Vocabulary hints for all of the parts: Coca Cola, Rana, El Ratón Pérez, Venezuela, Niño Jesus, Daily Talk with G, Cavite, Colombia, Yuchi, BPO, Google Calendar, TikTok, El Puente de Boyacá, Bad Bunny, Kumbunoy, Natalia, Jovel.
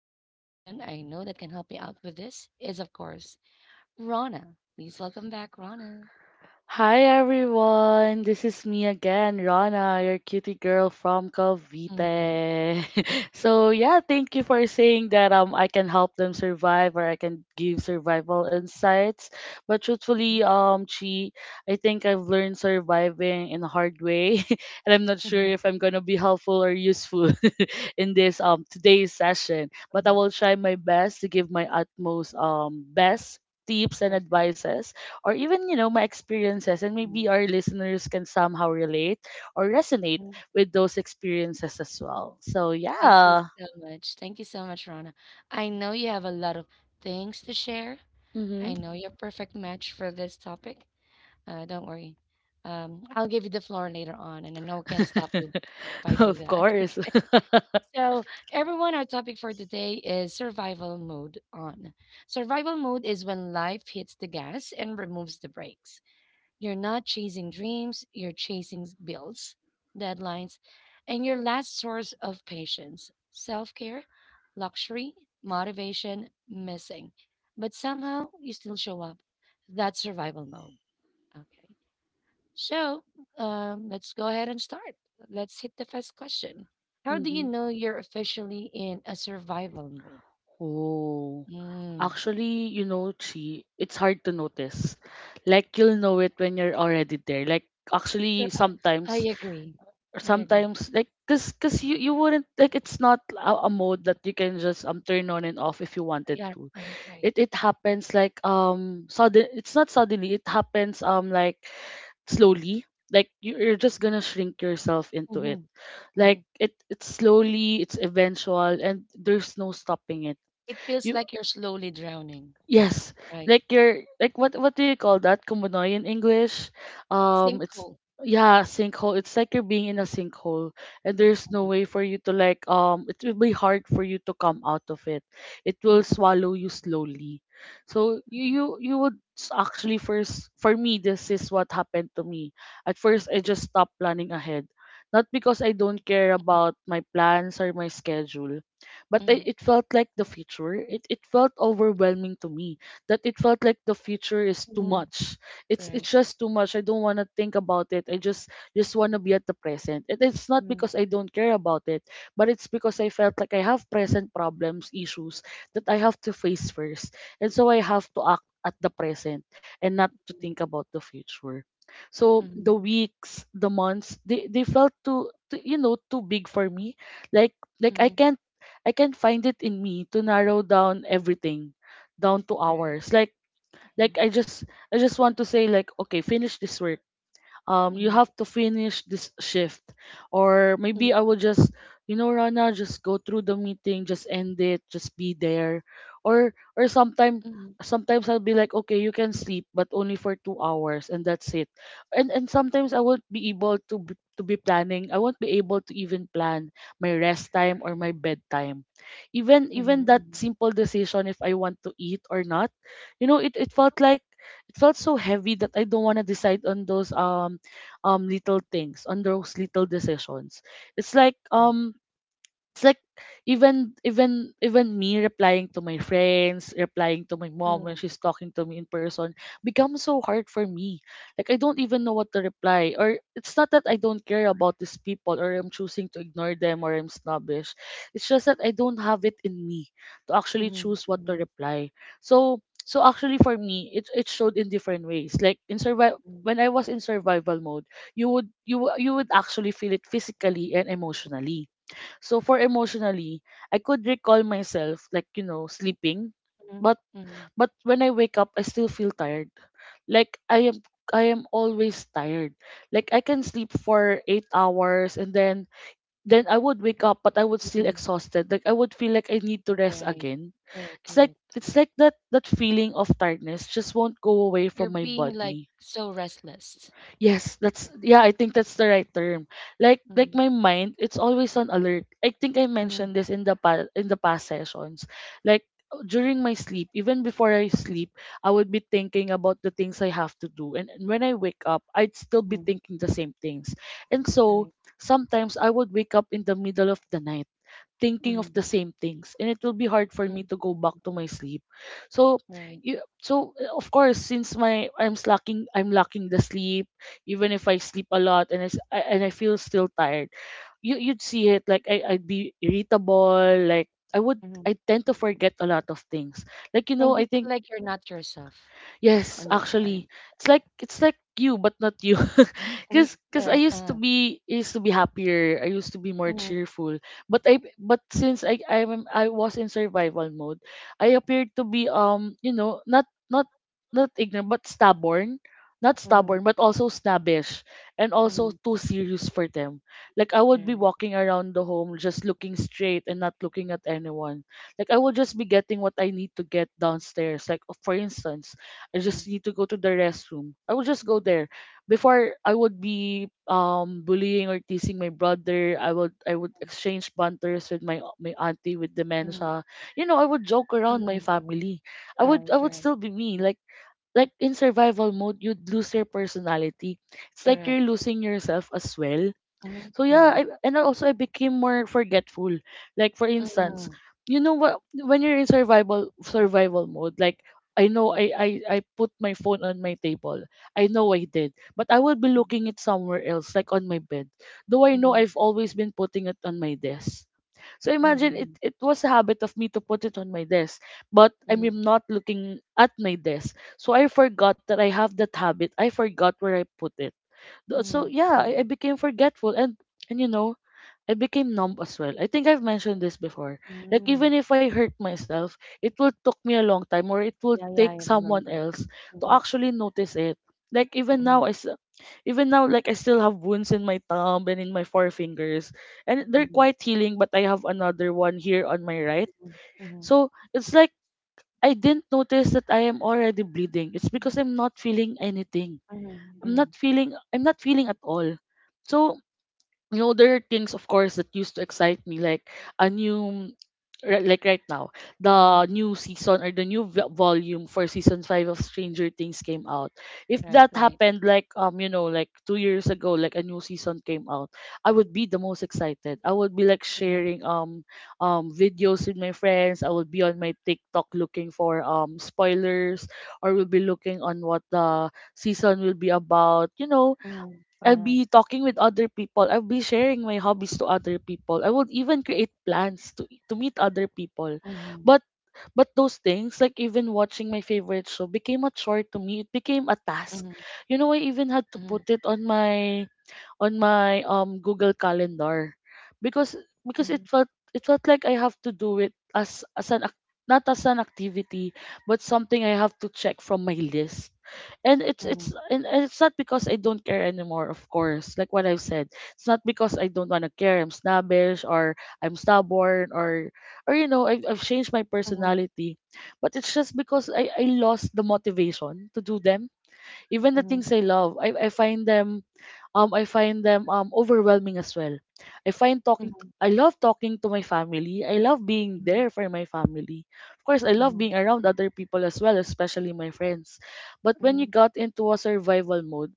the best person I know that can help me out with this is, of course, Rana. Please welcome back, Rana. Hi everyone, this is me again, Rana, your cutie girl from Mhm, Cavite. So yeah, thank you for saying that I can help them survive or I can give survival insights. But mhm, truthfully, Chi, I think I've learned surviving in a hard way and I'm not sure mhm, if I'm gonna be helpful or useful in this today's session. But I mhm. will try my best to give my utmost best tips and Perfect. advices or even my experiences, and Mhm, maybe our listeners can somehow relate or resonate mhm. with those experiences as well, so Thank you yeah. so much. Thank you so much, Rana. I know you have a lot of things to share. Mm-hmm. I know you're a perfect match for this topic. Don't worry. I'll give you the floor later on, and I know I can't stop you if I do Of that. course. Okay. So, everyone, our topic for today is survival mode on. Survival mode is when life hits the gas and removes the brakes. You're not chasing dreams, you're chasing bills, deadlines, and your last source of patience self care, luxury, motivation, missing. But somehow you still show up. That's survival mode. Okay. So let's go ahead and start. Let's hit the first question. How do you Mm-hmm. know you're officially in a survival mode? Oh, Mm. actually, you know, Chi, it's hard to notice. Like, you'll know it when you're already there. Like, actually, Sure, I sometimes agree. I agree. sometimes like cause you wouldn't like, it's not a mode that you can just turn on and off if you wanted Yeah, to. right, right. It happens like sudden it's not suddenly it happens like slowly. Like you're just gonna shrink yourself into it. Hmm, Like hmm. it's slowly, it's eventual, and there's no stopping it. It feels You like you're slowly drowning, Yes, right? like your, like what do you call that? Kumbunoy in English. It's Sinkhole. yeah, sinkhole. It's like you're being in a sinkhole, and there's no Mm-hmm. way for you to like. It will be hard for you to come out of it. It will swallow you slowly. So you would actually, first for me, this is what happened to me. At first, I just stopped planning ahead, not because I don't care about my plans or my schedule, but Hmm, it felt like the future. It felt overwhelming to me that it felt like the future is too hmm. much. It's Right. just too much. I don't want to think about it. I just want to be at the present. And it's not Hmm, because I don't care about it, but it's because I felt like I have present problems, issues that I have to face first, and so I have to act at the present and not to think about the future. So the hmm, weeks, the months, they felt too, too big for me. Like I hmm. can't, I can find it in me to narrow down everything down to Right. hours. Like Hmm, like I just I just want to say like, okay, finish this work, hmm, you have to finish this shift, or hmm, maybe I will just, you know, Rana, just go through the meeting, just end it, just be there. Or hmm, sometimes I'll be like, okay, you can sleep, but only for 2 hours, and that's it. And sometimes I won't be able to to be planning, I won't be able to even plan my rest time or my bedtime. Even that hmm, simple decision, if I want to eat or not. You know, it felt like, it felt so heavy that I don't want to decide on those little things, on those little decisions. it's like hmm, um it's like, even me replying to my friends, replying to my mom hmm, when she's talking to me in person, becomes so hard for me. Like, I don't even know what to reply. Or it's not that I don't care about these people, or I'm choosing to ignore them, or I'm snobbish. It's just that I don't have it in me to actually choose what to reply. So, so actually for me, it showed in different ways. Like in survival, hmm, when I was in survival mode, you would, you you would actually feel it physically and emotionally. So for emotionally, I could recall myself like, you know, sleeping, but hmm, hmm, but when I wake up, I still feel tired. Like I am always tired. Like I can sleep for 8 hours, and then I would wake up but I would still hmm. exhausted. Like I would feel like I need to rest Right. again. Correct, It's like, correct. it's like that, that feeling of tiredness just won't go away You're from my being like body. so restless. Yes, Right. that's, yeah, I think that's the right term. Like Mm-hmm. my mind, it's always on alert. I think I Mm-hmm. mentioned this in the in the past sessions. Like during my sleep, even before I sleep, I would be thinking about the things I have to do. And when I wake up, I'd still be Hmm. thinking the same things. And Right. so sometimes I would wake up in the middle of the night thinking Mm-hmm. of the same things, and it will be hard for Hmm. me to go back to my sleep. So Right. Of course, since my, I'm slacking, I'm lacking the sleep, even if I sleep a lot and I feel still tired, you, you'd see it like, I'd be irritable, like I would, Hmm. I tend to forget a lot of things, like you And know you I feel think. like you're not yourself on Yes, those times. actually, it's like, it's like you, but not you, Mm. because Correct. I used to be happier. I used to be more Mm-hmm. cheerful, but I, but since I was in survival mode, I appeared to be you know, not ignorant but stubborn, not Mm-hmm. stubborn but also snobbish, and Hmm. also too serious for them. Like I would Correct. be walking around the home just looking straight and not looking at anyone. Like I will just be getting what I need to get downstairs. Like for instance, I Mm-hmm. just need to go to the restroom. I will just go there. Before, I would be bullying or teasing my brother. I would exchange banters with my, my auntie with Mm-hmm. dementia. You know, I would joke around my Mm-hmm. family. Right, I would right. still be me. Like in survival mode, you'd lose your personality. It's like you're Correct. losing yourself as well. Mm-hmm. So yeah, Mm-hmm. And also I became more forgetful. Like for instance, Mm-hmm. you know what, when you're in survival mode, like I know I put my phone on my table. I know I did, but I would be looking it somewhere else, like on my bed. Though I know Mm-hmm. I've always been putting it on my desk. So imagine, Mm-hmm. It was a habit of me to put it on my desk, but I'm Mm-hmm. not looking at my desk. So I forgot that I have that habit. I forgot where I put it. So Mm-hmm. yeah, I Mm-hmm. became forgetful, and you know, I became numb as well. I think I've mentioned this before. Like Mm-hmm. even if I hurt myself, it will took me a long time, or it will Yeah, yeah, take I someone remember. else to Mm-hmm. actually notice it. Like even Mm-hmm. now even now, like, I still have wounds in my thumb and in my forefingers, and they're Mm-hmm. quite healing, but I have another one here on my right. Mm-hmm. So it's like I didn't notice that I am already bleeding. It's Mm-hmm. because I'm not feeling anything. Mhm, mhm, I'm not feeling at all. So, you know, there are things of course that used to excite me, like a new like right now the mhm. new season, or the new volume for season 5 of Stranger Things, came out. If Right, that right. happened like, um, you know, like 2 years ago, like a new season came out, I would be the most excited. I would be like Mhm, sharing videos with my friends. I would be on my TikTok looking for spoilers, or will be looking on what the season will be about, you know. mhm. I'll Uh-huh. be talking with other people. I'll be sharing my hobbies to other people. I would even create plans to meet other people. Mhm, But but those things, like even watching my favorite show, became a chore to me. It became a task. mhm, You know, I even had to mhm, put it on my, on my Google Calendar, because because it mhm, felt, it felt like I have to do it as an not as an activity but something I have to check from my list. And it's mhm, it's and it's not because I don't care anymore, of course. Like what I've said, it's not because I don't want to care, I'm snobbish or I'm stubborn, or you know I've changed my mhm, personality, but it's just because I lost the motivation to do them. Even the mhm, things I love, I find them I find them overwhelming as well. I find talking mhm, I love talking to my family. I love being mhm, there for my family. Of course, I love mhm, being around other people as well, especially my friends. But when mhm, you got into a survival mode,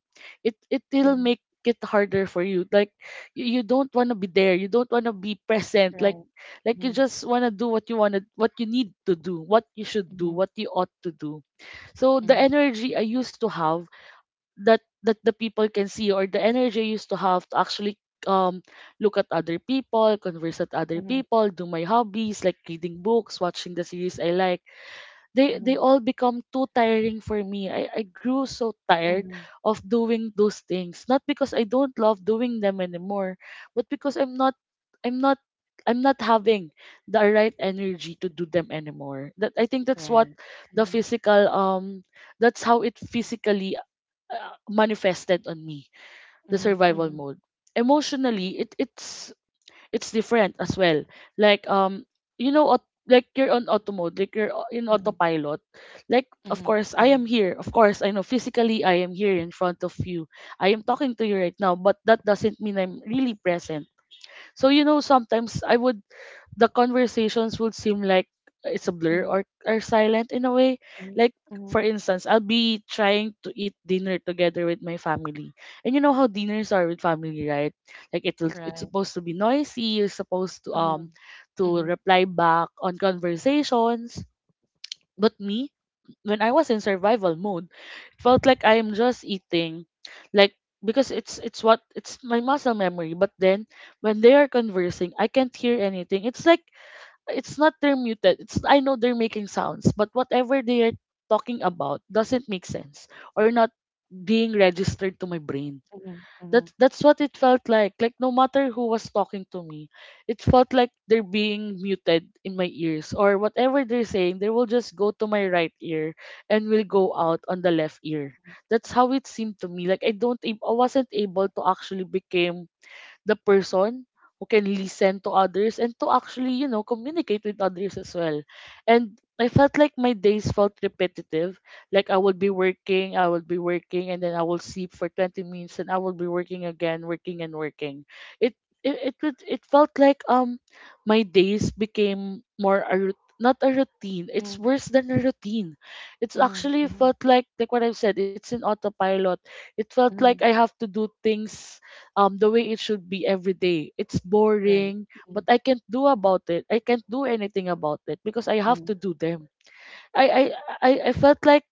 it will mhm. make it harder for you. Like you don't want to be there. You don't want to be present. Like Right. like you Mhm, just want to do what you want to what you need to do, what you should do, mhm, what you ought to do. So the mhm, energy I used to have that the people can see, or the energy I used to have to actually um look at other people, converse at other mhm, people, do my hobbies like reading books, watching the series I like. They mhm, all become too tiring for me. I grew so tired mhm. of doing those things. Not because I don't love doing them anymore, but because I'm not I'm not having the right energy to do them anymore. That I think that's what Right. the Mhm, physical that's how it physically manifested on me the mhm, survival mhm, mode. Emotionally it's different as well. Like you know, like you're on auto mode, like you're in mhm, autopilot. Like, mhm, of mhm, course I am here. Of course I know physically I am here in front of you. I am talking to you right now, but that doesn't mean I'm really present. So sometimes I would the conversations would seem like it's a mhm, blur mhm, mhm. or are silent in a way. Like, for instance, I'll be trying to eat dinner together with my family. And you know how dinners are with family, right? Like, it's Right. supposed to be noisy, you're supposed Mhm, to mhm, reply back on conversations. But me, when I was in survival mode, it felt like I am just eating. Like, because it's my muscle memory. But then when they are conversing, I can't hear anything. It's like it's not they're muted. It's, I know they're making sounds, but whatever they are talking about doesn't make sense or not being registered to my brain. mhm, mhm, That's what it felt like. Like, no matter who was talking to me, it felt like they're being muted in my ears, or whatever they're saying, they will just go to my right ear and will go out on the left ear. That's how it seemed to me. Like, I don't ab- I wasn't able to actually become the person who can listen to others and to actually, communicate with others as well. And I felt like my days felt repetitive. Like, I would be mhm, working, I would be working, and then I will sleep for 20 minutes, and I will be working again, working and working. It it felt like my days became more not a routine. It's worse than a routine. It's mhm, mhm, actually mhm, felt like, what I've said, it's an autopilot. It felt like mhm. I have to do things the way it should be every day. It's Right. boring, Mhm, but I can't do about it. I can't do anything about it because I have to do them. I I I felt like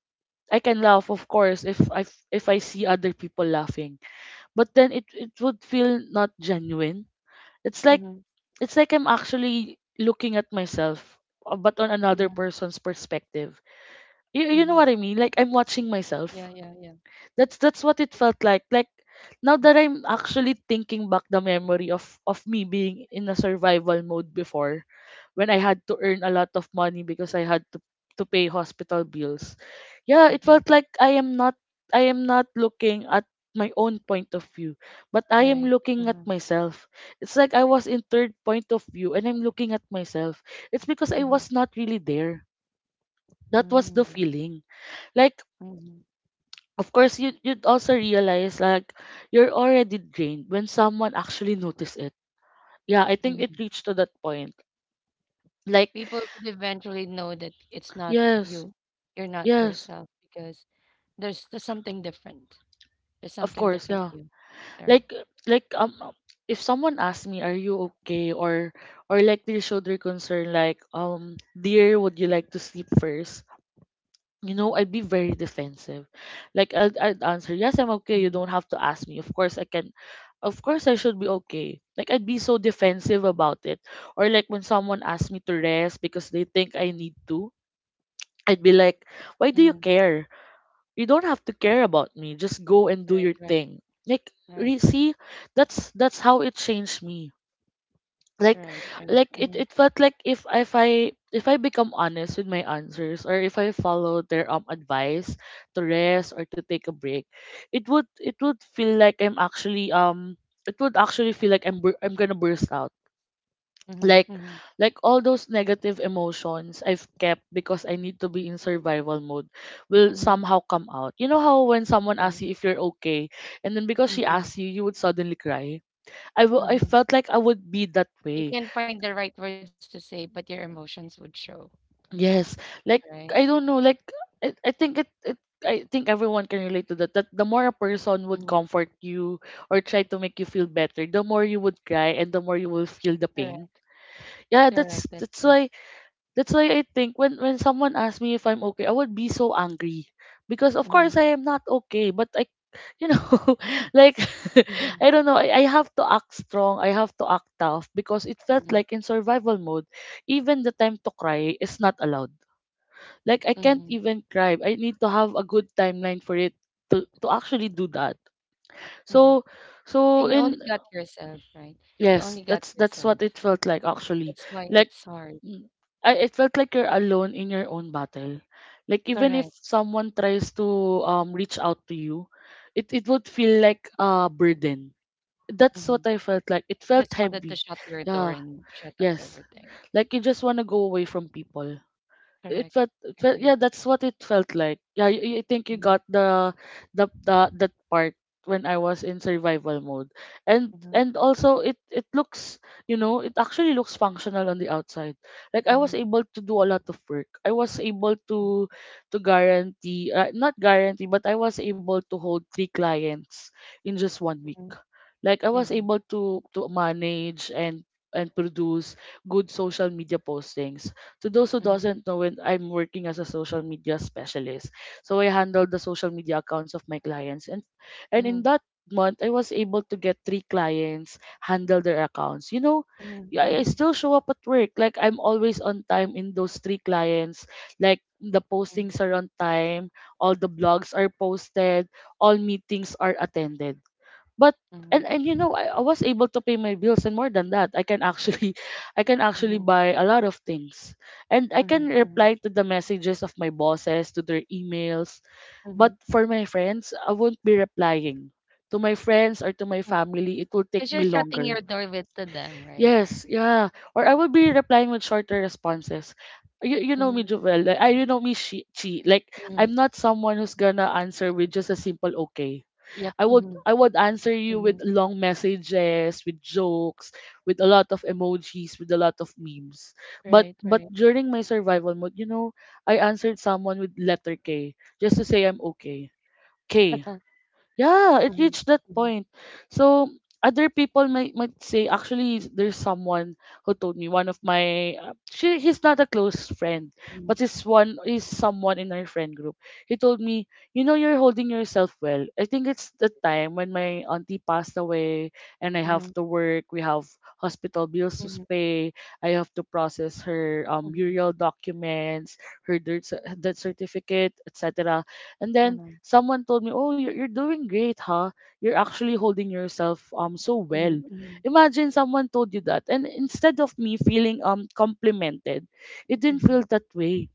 I can laugh, of course, if I see other people laughing, but then it would feel not genuine. It's like mhm, mhm, it's like I'm actually looking at myself, but on another mhm, person's perspective. You know mhm. what I mean? Like, I'm watching myself. Yeah, yeah, yeah. That's what it felt like. Like, now Mm-hmm. that I'm actually thinking back the memory of me being in a survival mode before, when I had to earn a lot of money because I had to pay hospital bills. Yeah, it Mm-hmm. felt like I am not looking at my own point of view, but I am Right. Uh looking at huh. myself. It's like I was in third point of view and I'm looking at myself. It's because I Mhm. was not really there. That was the Mhm. feeling. Like, Mm. Mhm. of course you'd also realize like you're already drained when someone actually noticed it. Yeah, I think it Mhm. reached to that point. Like, People would eventually know that it's not yes, you. You're not yes, yourself because there's something different. There's of something course, different yeah. you there. Like like um um, if someone asked me, "Are you okay?" Or like they showed their concern, like, "Dear, would you like to sleep first?" I'd be very defensive. Like, I'd answer, "Yes, I'm okay. You Mhm. don't have to ask me. Of course I can. Of course I should be okay." Like, I'd be so defensive about it. Or like, when someone asks me to rest because they think I Mhm. need to, I'd be like, "Why do you Mhm. care? You don't have to care about me. Just go and do Right. your Right. thing." Like, Right. See, that's how it changed me. like Right. Right. like it Mhm. it felt like, if I become honest with my answers, or if I follow their advice to rest or to take a break, it would feel like I'm actually it would actually feel like I'm gonna burst out. Mhm. Like Mhm. like all those negative emotions I've kept because I need to be in Mhm. survival mode will Mhm. somehow come out. You know how when someone asks Right. you if you're okay, and then because she Mhm. asks you would suddenly cry. I Mhm. felt like I would be that You way. can find the right words to say, but your emotions would show. Yes, like, Right. I don't know, like, I, I think it, it I think everyone can relate to that. That the more a person Mhm. would comfort you or try to make you feel better, the more you would cry and the more you will feel the Correct. pain. Yeah, Correct. that's That's that's right. why that's why I think when someone asks me if I'm okay, I would be so angry because, of Mhm. course, I am not okay. But I you know like Mhm. I don't know, I have to act strong. I have to act tough because it felt Mhm. like, in survival mode, even the time to cry is not allowed. Like, I can't Mhm. even cry. I need to have a good timeline for it to actually do that. Mhm. So, And so you only in got yourself, right? You only yes, got that's yourself. what it felt like, actually. That's why Like, it's hard. mm, I it felt like you're alone in your own battle. Like, even if Correct. someone tries to reach out to you, it would feel like a burden. That's Hmm. what I felt like. It You just felt wanted to heavy. shut your door Yeah, and shut up yes. everything. Like, you just want to go away from people. it Correct. felt, it felt Agree. yeah, that's what it felt like. Yeah, I think you Mm-hmm. got the, that part, when I was in survival mode. and Mm-hmm. and also, it looks, it actually looks functional on the outside. Like, I was Mm-hmm. able to do a lot of work. I was able to guarantee, not guarantee, but I was able to hold three clients in just one week. Mm-hmm. Like, I was Mm-hmm. able to manage and produce good social media postings. To those who Mm-hmm. doesn't know it, I'm working as a social media specialist. So I handle the social media accounts of my clients, and Mm-hmm. in Mm-hmm. that month I was able to get three clients, handle their accounts. You know, Mm-hmm. yeah, I Mm-hmm. still show up at work. Like, I'm always on time in those three clients. Like, the postings are on time, all the blogs are posted, all meetings are attended. But and you know, I was able to pay my bills, and more than that, I can actually I can actually buy a lot of things, and I can Mm-hmm. reply to the messages of my bosses, to their emails. Mm-hmm. But for my friends, I won't be replying. To my friends or to my family, it will Because take you're me shutting your longer. door with to them, right? Yes, yeah. Or I will be replying with shorter responses. You know me, Mm-hmm. Jovel, like, I, you know me, she like, Mm-hmm. I'm not someone who's gonna answer with just a simple okay. Yep. I would Mm-hmm. I would answer you Mm-hmm. with long messages, with jokes, with a lot of emojis, with a lot of memes. But Right, but right. during my survival mode, I answered someone with letter K, just to say I'm okay. K. Yeah, it Mm-hmm. reached that point. So, other people might say, actually, there's someone who told me. One of my she he's not a close friend, Mm-hmm. but he's one, is someone in our friend group. He told me, you know, "You're holding yourself well." I think it's the time when my auntie passed away and I have Mm-hmm. to work. We have hospital bills to Mm-hmm. pay. I have to process her burial documents, her death certificate, etc. And then Mm-hmm. someone told me, "Oh, you're doing great, huh? You're actually holding yourself so well." Mhm, mhm, Imagine someone told you that, and instead of me feeling complimented, it didn't mhm, feel that way.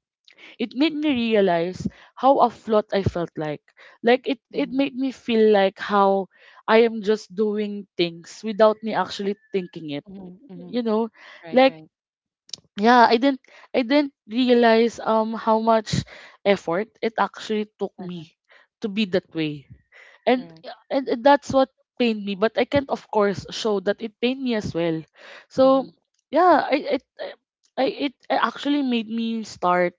It made me realize how afloat I felt like. Like, it mhm, made me feel like how I am just doing things without me actually thinking it. mhm, mhm. You know, Right, like right. yeah, I didn't realize how much effort it actually took Uh-huh. me to be that way, and Correct. and that's what pained me, but I can't, of course, show that it pained me as well, so Mhm, yeah, I it I- it actually made me start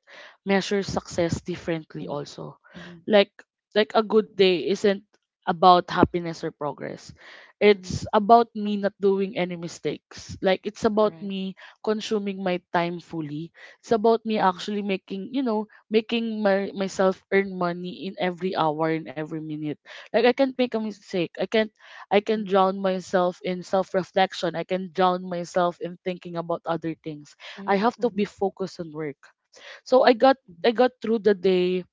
measure success differently mhm, also. mhm, Like like a good day isn't about happiness or progress. mhm. It's about me not doing any mistakes. Like, it's about Correct. me consuming my time fully. It's about me Mhm, actually making you know making myself earn money in every hour, in every minute. Like, I can't make a mistake. I can't. I can mhm, drown myself in self-reflection. I can drown myself in thinking about other things. I mhm, have to be mhm, focused on work. So I got mhm, I got through the day.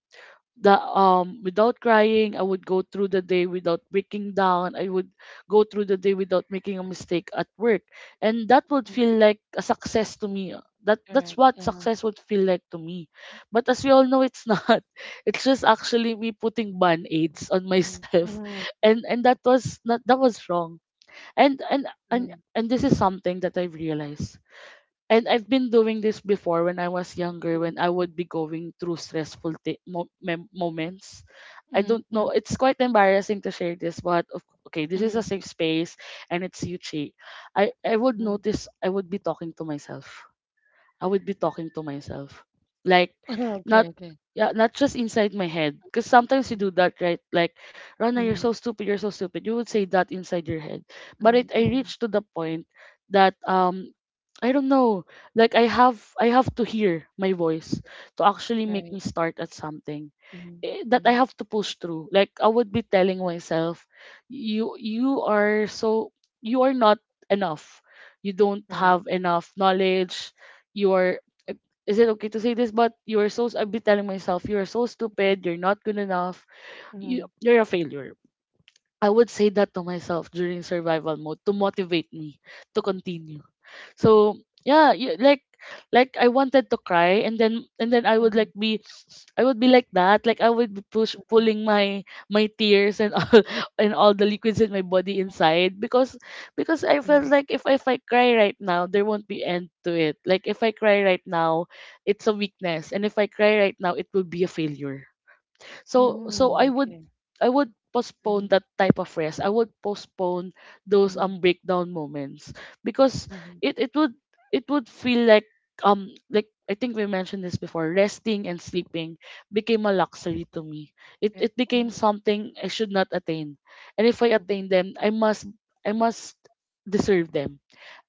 That Without crying, I would go through the day without breaking down. I would go through the day without making a mistake at work, and that would mhm. feel like a success to me. That's Correct. what Uh-huh. success would feel like to me. But as we all know, it's not. It's just actually me putting band aids on Mhm, myself. mhm, And that was not that was wrong. And and and and this is something that I have realized, and I've been doing this before when I was mhm, younger, mhm, when I would be going through stressful moments. mhm, I mhm, mhm, don't mhm, mhm. know. It's quite embarrassing to share this, but okay, this is a safe space, and it's Yuchi. I would notice I would be talking to myself. I would be talking to myself, like, Okay, not. okay. Yeah, not just inside my head. Because sometimes you Mhm, do that, right? Like, Rana, you're so mhm, stupid, you're so stupid. You would say that inside your head. But mhm, it, I mhm. reached to the point that I don't know. Like, I have to hear my voice to actually make Right. me start at something, Mhm, that I mhm. have to push through. Like, I would be telling myself, you are not enough. You don't Right. have enough Mhm, knowledge. You are. Is it okay to say this? But you are so, I'd be telling myself, you are so stupid. You're not good enough. You mhm, you're a failure. I would say that to myself during survival mode to motivate me to continue. So yeah, you, like I wanted to cry, and then mhm, I would be like that. Like, I would be push mhm, mhm, pulling my tears and all and all the liquids in my body inside, because I felt mhm. like if I cry right now, there won't be end to it. Like, if I cry right now, it's a weakness. And if I cry right now, it will be a failure. So Mm, I would okay. I would Mhm, postpone that type of rest. I would postpone those mhm, breakdown moments, because mhm. it it would it would feel like, like, I think we mentioned this before, resting and sleeping became a luxury to me. It Correct. became something I should not attain. And if I Mhm, attain them, I must deserve them.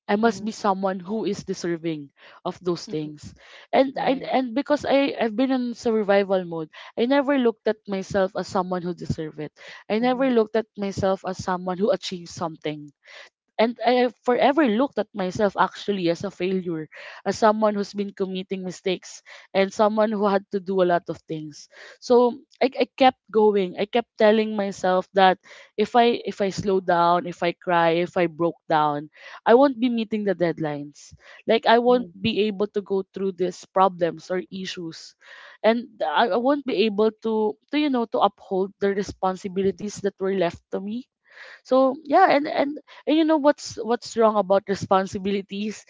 I must mhm, be someone who is deserving of those mhm. things. And I Right. and because I've been in survival mode, I never looked at myself as someone who deserved it. I never Mhm, looked at myself as someone who achieved something, and I forever looked at myself actually as a failure, as someone who's been committing mistakes and someone who had to do a lot of things. So I kept going. I kept telling myself that if I slow down, if I cry, if I broke down, I won't be meeting the deadlines. Like, I won't mhm, be able to go through these problems or issues. And I won't be able to you know to uphold the mhm, responsibilities that were left to me. So yeah, and you know what's wrong about responsibilities?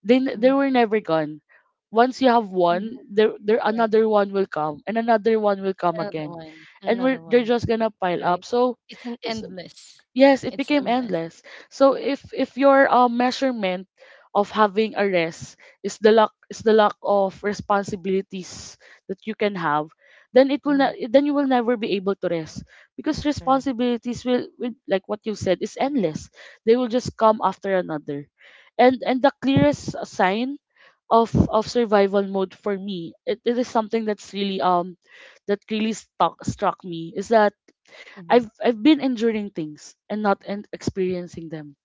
They they mhm, were never gone. Once you have mhm, one, there, correct. another one will come, and another one will come again, and Another we're they're one, just gonna pile up. right? So It's an endless. yes, it It's became endless. endless. So if your measurement of having a rest is the lack of responsibilities that you can have, then it will Mhm, not then you will never be able to rest, because correct. responsibilities will, like what you said, is endless. They will just come after another. And the clearest sign of survival mode for me, it is something that's really, that really stuck struck me, is that Mhm, I've been enduring things and not and experiencing them.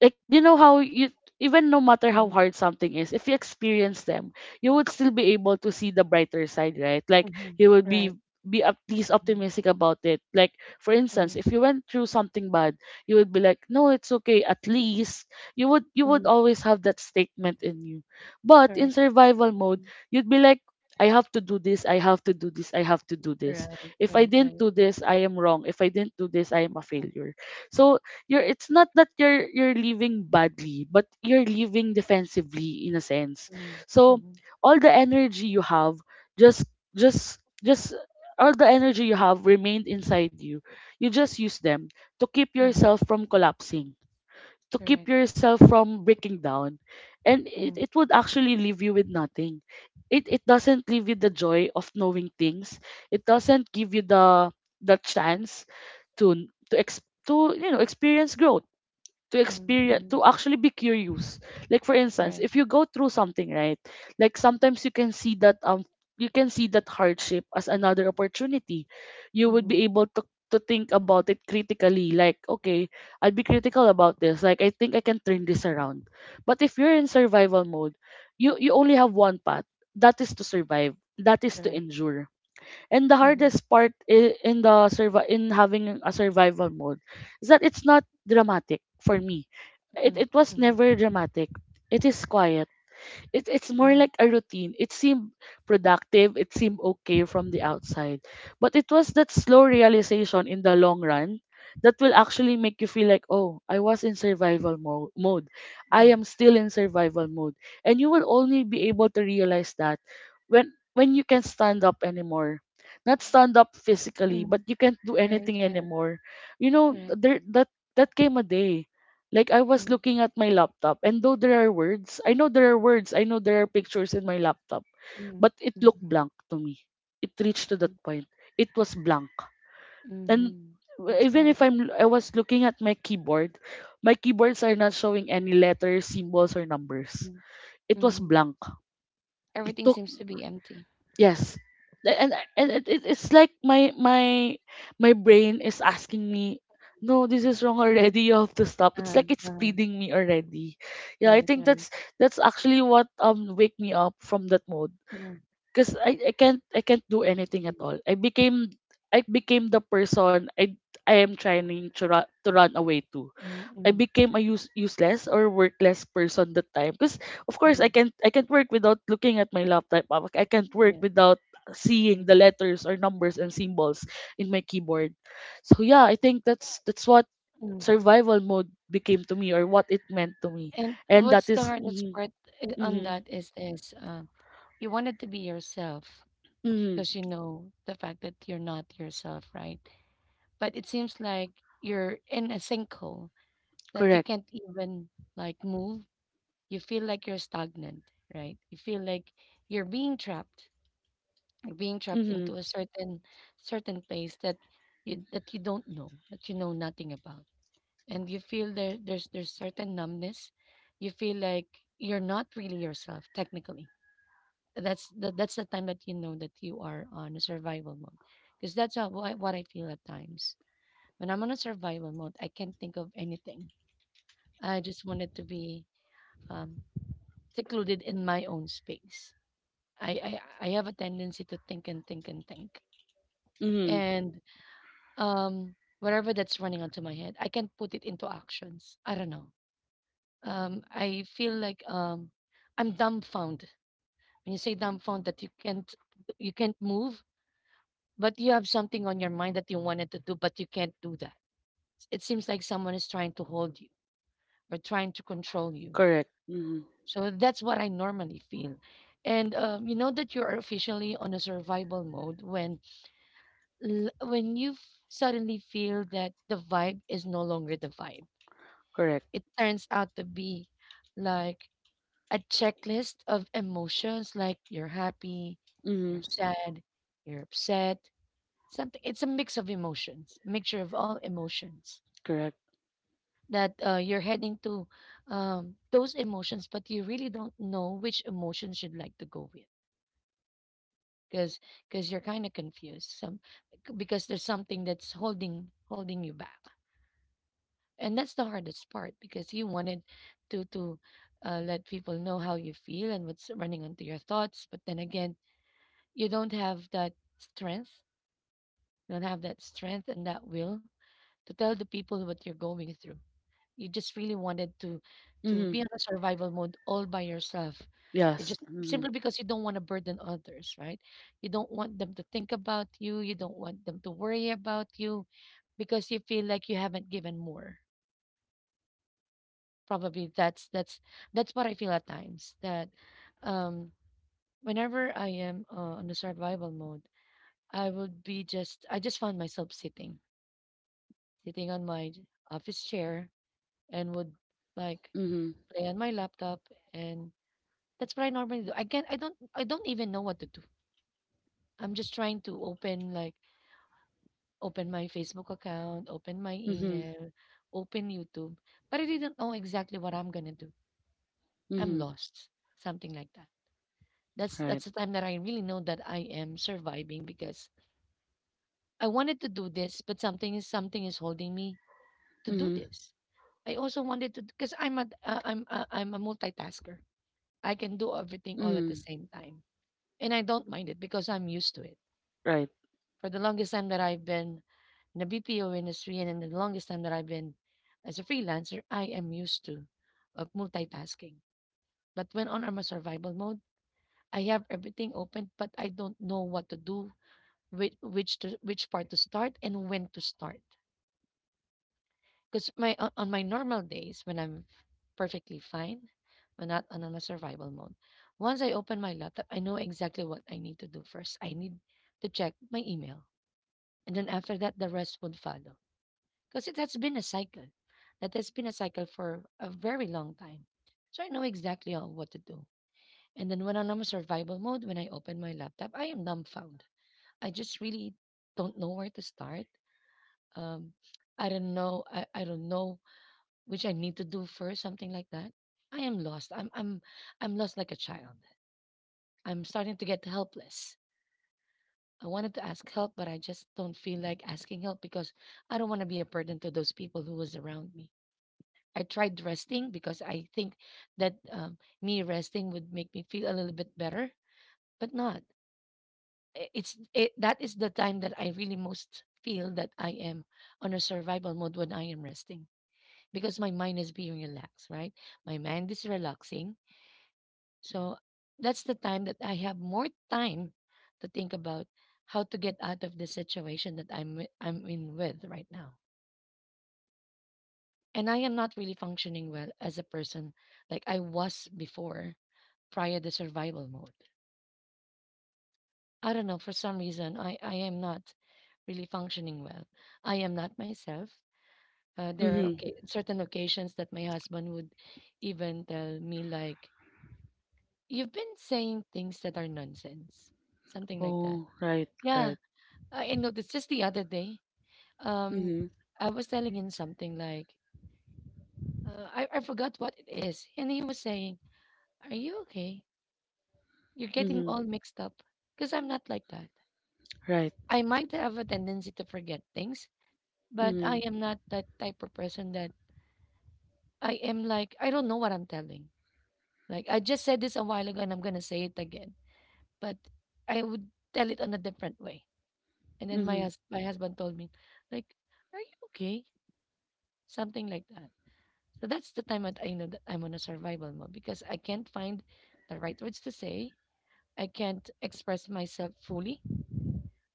Like, you know how you, even no matter how mhm, hard something is, if you experience them, you would still be able to see the brighter side, right? Like, mhm, you would right. be at least Mhm, optimistic about it. Like, for instance, mhm, if you went through something bad, you would be like, no, it's okay, at least. You would mhm, always have that statement in you. But correct. in survival mode, Mhm. you'd be like, I have to do this, I have to do this, I have to do this. Right, If I right, didn't right. do this, I am wrong. If I didn't do this, I am a failure. So you're it's not that you're living badly, but you're living defensively, in a sense. Mhm, So mhm, all the energy you have, just just just all the energy you have remained inside you. You just use them to keep mhm, yourself from collapsing, to keep correct. yourself from breaking down. And it, Mhm, it would actually leave you with nothing. It doesn't leave you the joy of knowing things. It doesn't give you the chance to experience growth, to mhm, experience, mhm, to actually be curious. Like, for instance, right. if you go through something, right? Like, sometimes you can see that hardship as another opportunity. You would Mhm, be able to think about it critically, like, okay, I'll be critical about this, like, I think I can turn this around. But if you're in survival mode, you only have one path, that is to survive, that is to correct. endure. And the Mhm, hardest part, in having a survival mode, is that it's not dramatic for me. mhm, It was mhm, never dramatic. It is quiet. It's more mhm, like a routine. It seemed productive. It seemed okay from the outside, but it was that slow realization in the long run that will actually make you feel like, oh, I was in survival mode. mhm, I am still in survival mode, and you will only be able to realize that when you can stand up anymore. Not stand up physically, mhm, but you can't do right, anything right, anymore. You know, correct. there that that came a day, like, I was Mhm, looking at my laptop, and though there are words, I know there are words, I know there are pictures in my laptop, mhm, but it mhm, looked blank to me. It reached to that point. It was blank. mhm, And mhm. That's even bad. if I was looking at my keyboard, my keyboards are not showing any letters, symbols or numbers. Mm. It was Mhm. blank. It Everything took. seems to be empty. Yes. And it's like my my brain is asking me, no, this is wrong already. You have to stop. It's Uh-huh. like it's pleading me already. Yeah, I Right, think right. that's actually what, wake me up from that mode. Mhm, Cause I can't do anything at mhm, all. I became the person I am trying to run away to. mhm, I mhm, became a useless or workless person that time, because of course I mhm. can't I can't work without looking at my laptop. I can't Yeah. work without Mhm, seeing the letters or numbers and symbols in my keyboard. So yeah, I think that's what mhm. survival mode became to me or what it meant to me. And And what's that the is. hardest Mm. part on Mm. that is you wanted to be yourself Mm. because you know the fact that you're not yourself, right? But it seems like you're in a sinkhole that you Correct. can't even like move. You feel like you're stagnant, right? You feel like you're being trapped You're being trapped Mm. into a certain place that you don't know, that you know nothing about. And you feel there's certain numbness. You feel like you're not really yourself technically. That's the time that you know that you are on a survival mode. Because that's what I feel at times. When I'm on a survival mode, I can't think of anything. I just wanted to be um, secluded in my own space. I have a tendency to think and think and think. Mm. And Whatever that's running onto my head, I can't put it into actions. I don't know. I feel like I'm dumbfounded. When you say dumbfounded, that you can't move, but you have something on your mind that you wanted to do, but you can't do that. It seems like someone is trying to hold you or trying to control you. Correct. Mm. So that's what I normally feel. And you know that you are officially on a survival mode when suddenly feel that the vibe is no longer the vibe. Correct. It turns out to be like a checklist of emotions, like you're happy, Mm. you're sad, you're upset, something. It's a mix of emotions, a mixture of all emotions Correct. that you're heading to, those emotions, but you really don't know which emotions you'd like to go with because you're kind of confused, because there's something that's holding you back, and that's the hardest part because you wanted to let people know how you feel and what's running onto your thoughts. But then again, you don't have that strength, and that will to tell the people what you're going through. You just really wanted to Mm. be on a survival mode all by yourself. You Yes. just Mm. simply, because you don't want to burden others, right? You don't want them to think about you, you don't want them to worry about you, because you feel like you haven't given more. Probably that's what I feel at times, that um whenever I am on the survival mode, I would be just I just found myself sitting on my office chair, and would like Mm. play on my laptop. And that's what I normally do. I can't, I don't even know what to do. I'm just trying to open, like open my Facebook account, open my Mm. email, open YouTube, but I didn't know exactly what I'm gonna do. I'm Mm. lost, something like that. That's Right. that's the time that I really know that I am surviving, because I wanted to do this, but something is holding me to do Mm. this. I also wanted to, because I'm a multitasker. I can do everything all at the Mm. same time, and I don't mind it because I'm used to it. Right. For the longest time that I've been in the BPO industry, and in the longest time that I've been as a freelancer, I am used to of multitasking. But when on I'm a survival mode, I have everything open, but I don't know what to do, which part to start and when to start. Because my on my normal days, when I'm perfectly fine, when not on a survival mode, once I open my laptop, I know exactly what I need to do first. I need to check my email, and then after that, the rest would follow. Because it has been a cycle, that has been a cycle for a very long time. So I know exactly on what to do. And then when I'm on a survival mode, when I open my laptop, I am dumbfounded. I just really don't know where to start. um I don't know which I need to do first, something like that. I am lost. I'm lost like a child. I'm starting to get helpless. I wanted to ask help, but I just don't feel like asking help because I don't want to be a burden to those people who was around me. I tried resting because I think that, me resting would make me feel a little bit better, but not. That is the time that I really most feel that I am on a survival mode, when I am resting, because my mind is being relaxed, right? My mind is relaxing. So that's the time that I have more time to think about how to get out of the situation that I'm in with right now. And I am not really functioning well as a person like I was before, prior to survival mode. I don't know, for some reason I am not really functioning well. I am not myself. There are, Mm-hmm. okay, certain occasions that my husband would even tell me like, "You've been saying things that are nonsense," something like that. Oh, right, Yeah, right. I noticed just the other day. Um, Mm-hmm. I was telling him something like, I forgot what it is. And he was saying, "Are you okay? You're getting Mm-hmm. all mixed up." Because I'm not like that. Right. I might have a tendency to forget things, but I Mm-hmm. am not that type of person that I am like, I don't know what I'm telling. Like, I just said this a while ago and I'm going to say it again. But I would tell it on a different way. And then Mm-hmm. My husband told me, like, "Are you okay?" Something like that. So that's the time that I know that I'm on a survival mode because I can't find the right words to say. I can't express myself fully.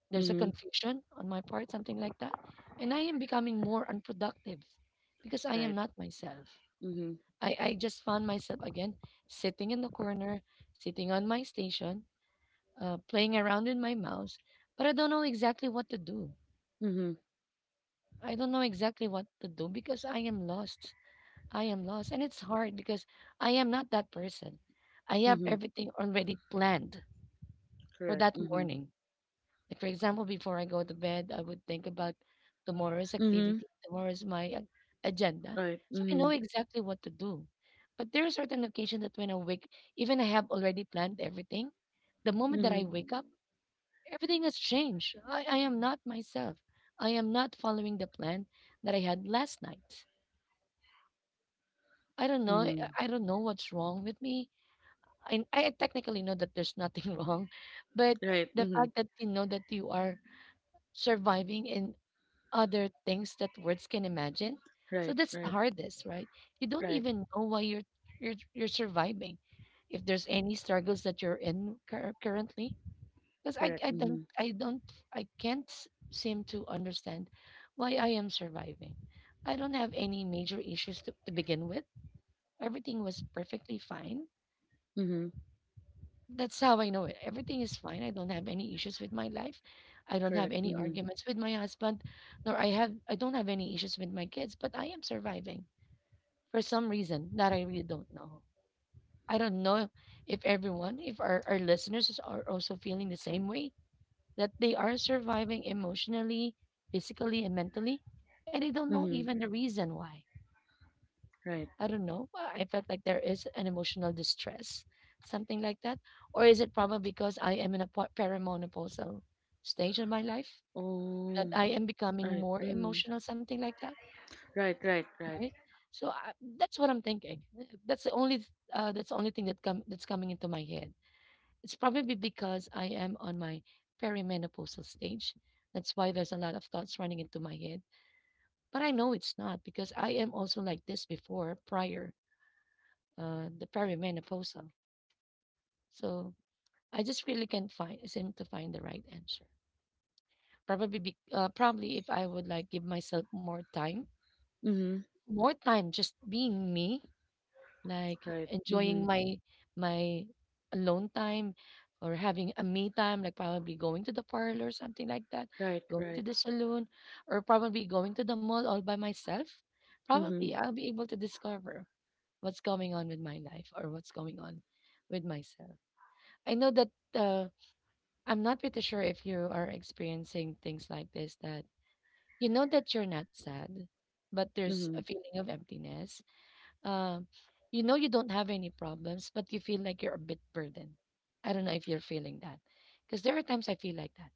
There's a Mm-hmm. confusion on my part, something like that. And I am becoming more unproductive because I Right. am not myself. Mm-hmm. I just found myself again sitting in the corner, sitting on my station, playing around with my mouse, but I don't know exactly what to do. Mm-hmm. I don't know exactly what to do because I am lost. I am lost. And it's hard because I am not that person. I have Mm-hmm. everything already planned for Correct. that Mm-hmm. morning. Like, for example, before I go to bed, I would think about tomorrow's Mm-hmm. activity, agenda. Right. So I know Mm-hmm. exactly what to do. But there are certain occasions that when I wake, even I have already planned everything. The moment that Mm-hmm. I wake up, everything has changed. I am not myself. I am not following the plan that I had last night. I don't know. I Mm-hmm. I don't know what's wrong with me. I technically know that there's nothing wrong, but Right. the Mm-hmm. fact that you know that you are surviving in other things that words can imagine, Right. so that's the Right. hardest, right? You don't Right. even know why you're surviving, if there's any struggles that you're in currently, because Correct. Mm-hmm. I don't I can't seem to understand why I am surviving. I don't have any major issues to begin with. Everything was perfectly fine. Mm-hmm. That's how I know it. Everything is fine. I don't have any issues with my life. I don't Correct. have any Mm-hmm. arguments with my husband, nor I don't have any issues with my kids, but I am surviving for some reason that I really don't know. I don't know if everyone, if our listeners are also feeling the same way, that they are surviving emotionally, physically, and mentally, and they don't know Mm-hmm. even the reason why. Right. I don't know. I felt like there is an emotional distress, something like that. Or is it probably because I am in a perimenopausal stage in my life that Oh. I am becoming Right. more Mm-hmm. emotional, something like that, Right. Right. Right. right? So that's what I'm thinking. That's the only thing that come that's coming into my head. It's probably because I am on my perimenopausal stage. That's why there's a lot of thoughts running into my head. But I know it's not, because I am also like this before, prior the perimenopausal. So I just really can't find seem to find the right answer. Probably if I would like give myself Mm-hmm. more time just being me, like Right. Mm-hmm. enjoying my alone time or having a me time, like probably going to the parlor, something like that, Right. going Right. to the saloon, or probably going to the mall all by myself. Mm-hmm. Probably I'll be able to discover what's going on with my life or what's going on with myself. I know that uh, I'm not pretty sure if you are experiencing things like this, that you know that you're not sad, but there's Mm-hmm. a feeling of emptiness. Um, you know you don't have any problems, but you feel like you're a bit burdened. I don't know if you're feeling that, because there are times I feel like that.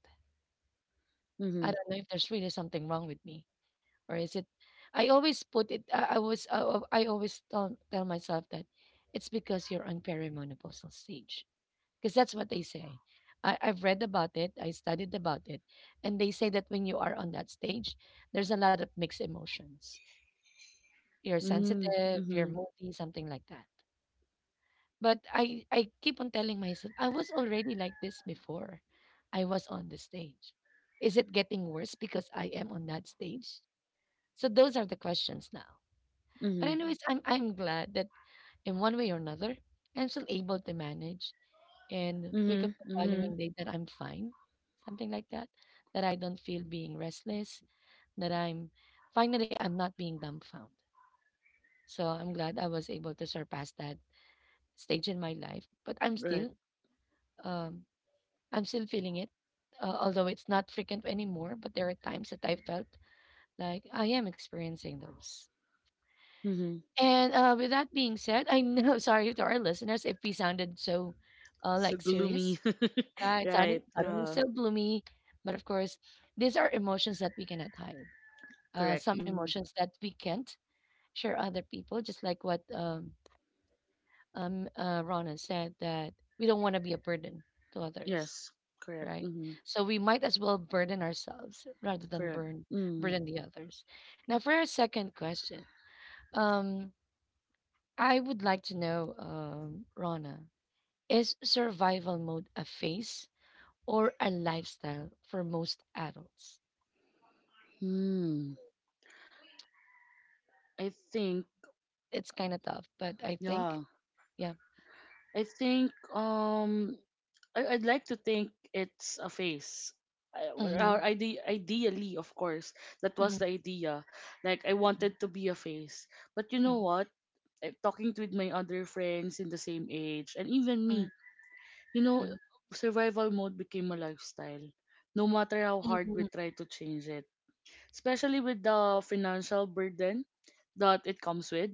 Mm-hmm. I don't know if there's really something wrong with me or is it. I always put it. I was. I always tell myself that it's because you're on perimenopausal stage, because that's what they say. I've read about it, I studied about it, and they say that when you are on that stage, there's a lot of mixed emotions. You're Mm-hmm. sensitive, you're Mm-hmm. moody, something like that. But I keep on telling myself, I was already like this before I was on the stage. Is it getting worse because I am on that stage? So those are the questions now. Mm-hmm. But anyways, I'm glad that in one way or another, I'm still able to manage and wake up the Mm-hmm. Mm-hmm. following day that I'm fine, something like that, that I don't feel being restless, that I'm finally I'm not being dumbfounded. So I'm glad I was able to surpass that stage in my life, but Right. Um I'm still feeling it. Although it's not frequent anymore, but there are times that I felt like I am experiencing those. Mm-hmm. And with that being said, I know, sorry to our listeners if we sounded so So like gloomy. serious. Right, Right. Suddenly Yeah. so gloomy. But of course, these are emotions that we cannot hide. Correct. Some Mm-hmm. emotions that we can't share other people, just like what Rona said, that we don't want to be a burden to others, Yes. Correct. right? Mm-hmm. So we might as well burden ourselves rather than Correct. burn burden the others. Now, for our second question, um, I would like to know, Rona, is survival mode a phase or a lifestyle for most adults? Mm-hmm. I think. It's kinda tough, but I think Yeah. yeah. I think. I'd like to think it's a phase. I, or Mhm, ide- Ideally, of course, that was mhm, the idea. Like, I mhm, wanted to be a face, but you know mhm, what? Talking with my other friends in the same age, and even mhm, me, you know, mhm, survival mode became a lifestyle, no matter how hard mhm, we try to change it, especially with the financial burden that it comes with.